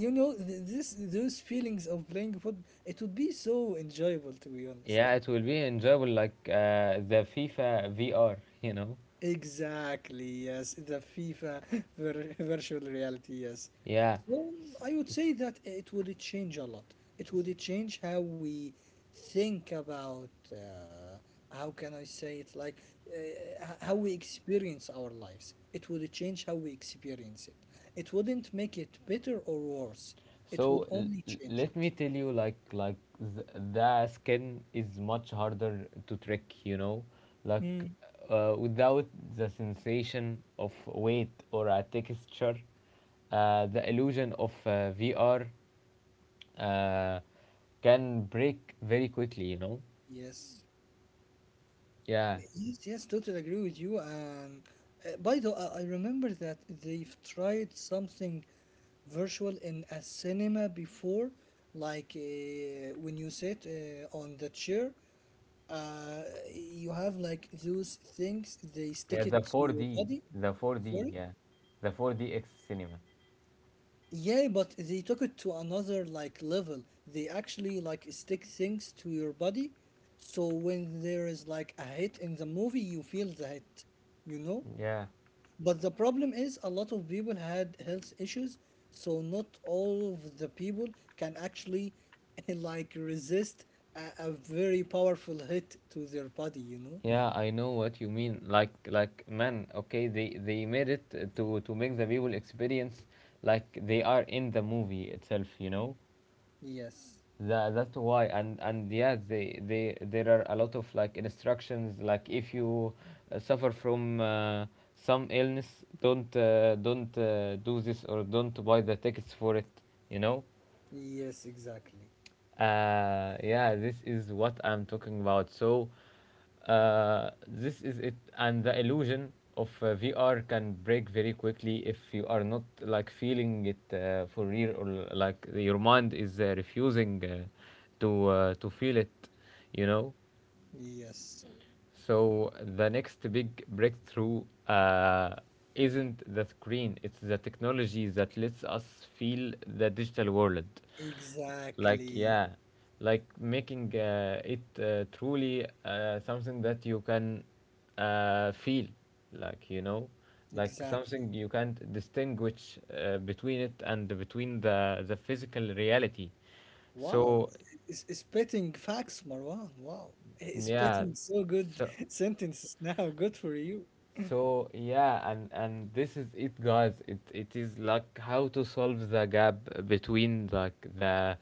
Speaker 2: you know, this, those feelings of playing football, it would be so enjoyable to be honest.
Speaker 1: yeah, it will be enjoyable like the FIFA VR, you know?
Speaker 2: Exactly, yes, the FIFA virtual reality, yes.
Speaker 1: Yeah.
Speaker 2: So
Speaker 1: S-
Speaker 2: I would
Speaker 1: s-
Speaker 2: say that it would change a lot. It would change how we think about how can I say it, like how we experience our lives. It would change how we experience it. It wouldn't make it better or worse. It would
Speaker 1: So
Speaker 2: only change
Speaker 1: let me
Speaker 2: it.
Speaker 1: tell you, like the skin is much harder to trick. You know, like
Speaker 2: Mm.
Speaker 1: without the sensation of weight or a texture, the illusion of VR uh, can break very quickly. You know.
Speaker 2: Yes.
Speaker 1: Yeah.
Speaker 2: Yes, yes, totally agree with you. And by the, I remember that they've tried something virtual in a cinema before, like when you sit on the chair, uh, you have like those things, they
Speaker 1: Yeah.
Speaker 2: stick it
Speaker 1: The
Speaker 2: to your
Speaker 1: 4D.
Speaker 2: body.
Speaker 1: The 4D.
Speaker 2: Sorry?
Speaker 1: Yeah. The 4DX cinema.
Speaker 2: Yeah, but they took it to another like level. They actually like stick things to your body, so when there is like a hit in the movie, you feel the hit, you know?
Speaker 1: Yeah.
Speaker 2: But the problem is a lot of people had health issues, so not all of the people can actually like resist a very powerful hit to their body, you know?
Speaker 1: Yeah, I know what you mean. Like, man, okay, they made it to make the people experience like they are in the movie itself, you know.
Speaker 2: Yes.
Speaker 1: That that's why, and yeah, they there are a lot of like instructions. Like, if you suffer from some illness, don't do this or don't buy the tickets for it, you know.
Speaker 2: Yes, exactly.
Speaker 1: Yeah, this is what I'm talking about. So, this is it, and the illusion of VR can break very quickly if you are not like feeling it for real, or like your mind is refusing to feel it, you know.
Speaker 2: Yes.
Speaker 1: So the next big breakthrough isn't the screen, it's the technology that lets us feel the digital world. Like,
Speaker 2: Exactly.
Speaker 1: yeah, like making it truly something that you can feel, like, you know, like
Speaker 2: Exactly.
Speaker 1: something you can't distinguish between it and between the physical reality.
Speaker 2: Wow.
Speaker 1: So,
Speaker 2: It's spitting facts, Marwan. Wow. It's
Speaker 1: yeah,
Speaker 2: spitting so good
Speaker 1: so.
Speaker 2: sentences now. Good for you.
Speaker 1: So yeah, and this is it, guys. It is like how to solve the gap between like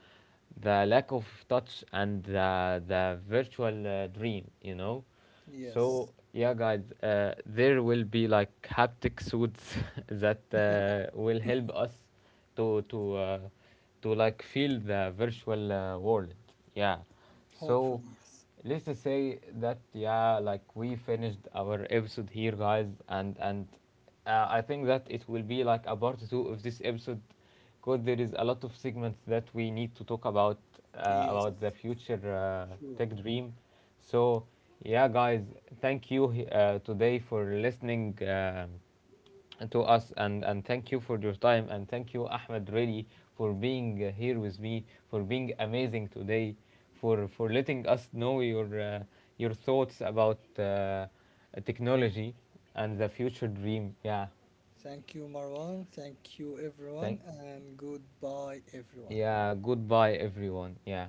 Speaker 1: the lack of touch and the virtual dream, you know.
Speaker 2: Yes.
Speaker 1: So yeah, guys, there will be like haptic suits that will help us to to uh, to like feel the virtual world. Yeah. So
Speaker 2: Hopefully, yes.
Speaker 1: let's just say that yeah, like we finished our episode here, guys, and I think that it will be like a part two of this episode because there is a lot of segments that we need to talk about,
Speaker 2: Yes.
Speaker 1: about the future
Speaker 2: Sure.
Speaker 1: tech dream. So yeah, guys, thank you today for listening to us, and thank you for your time, and thank you, Ahmed, really for being here with me, for being amazing today, for letting us know your thoughts about technology and the future dream, yeah.
Speaker 2: Thank you, Marwan. Thank you,
Speaker 1: thank
Speaker 2: everyone, and goodbye, everyone.
Speaker 1: Yeah, goodbye everyone, yeah.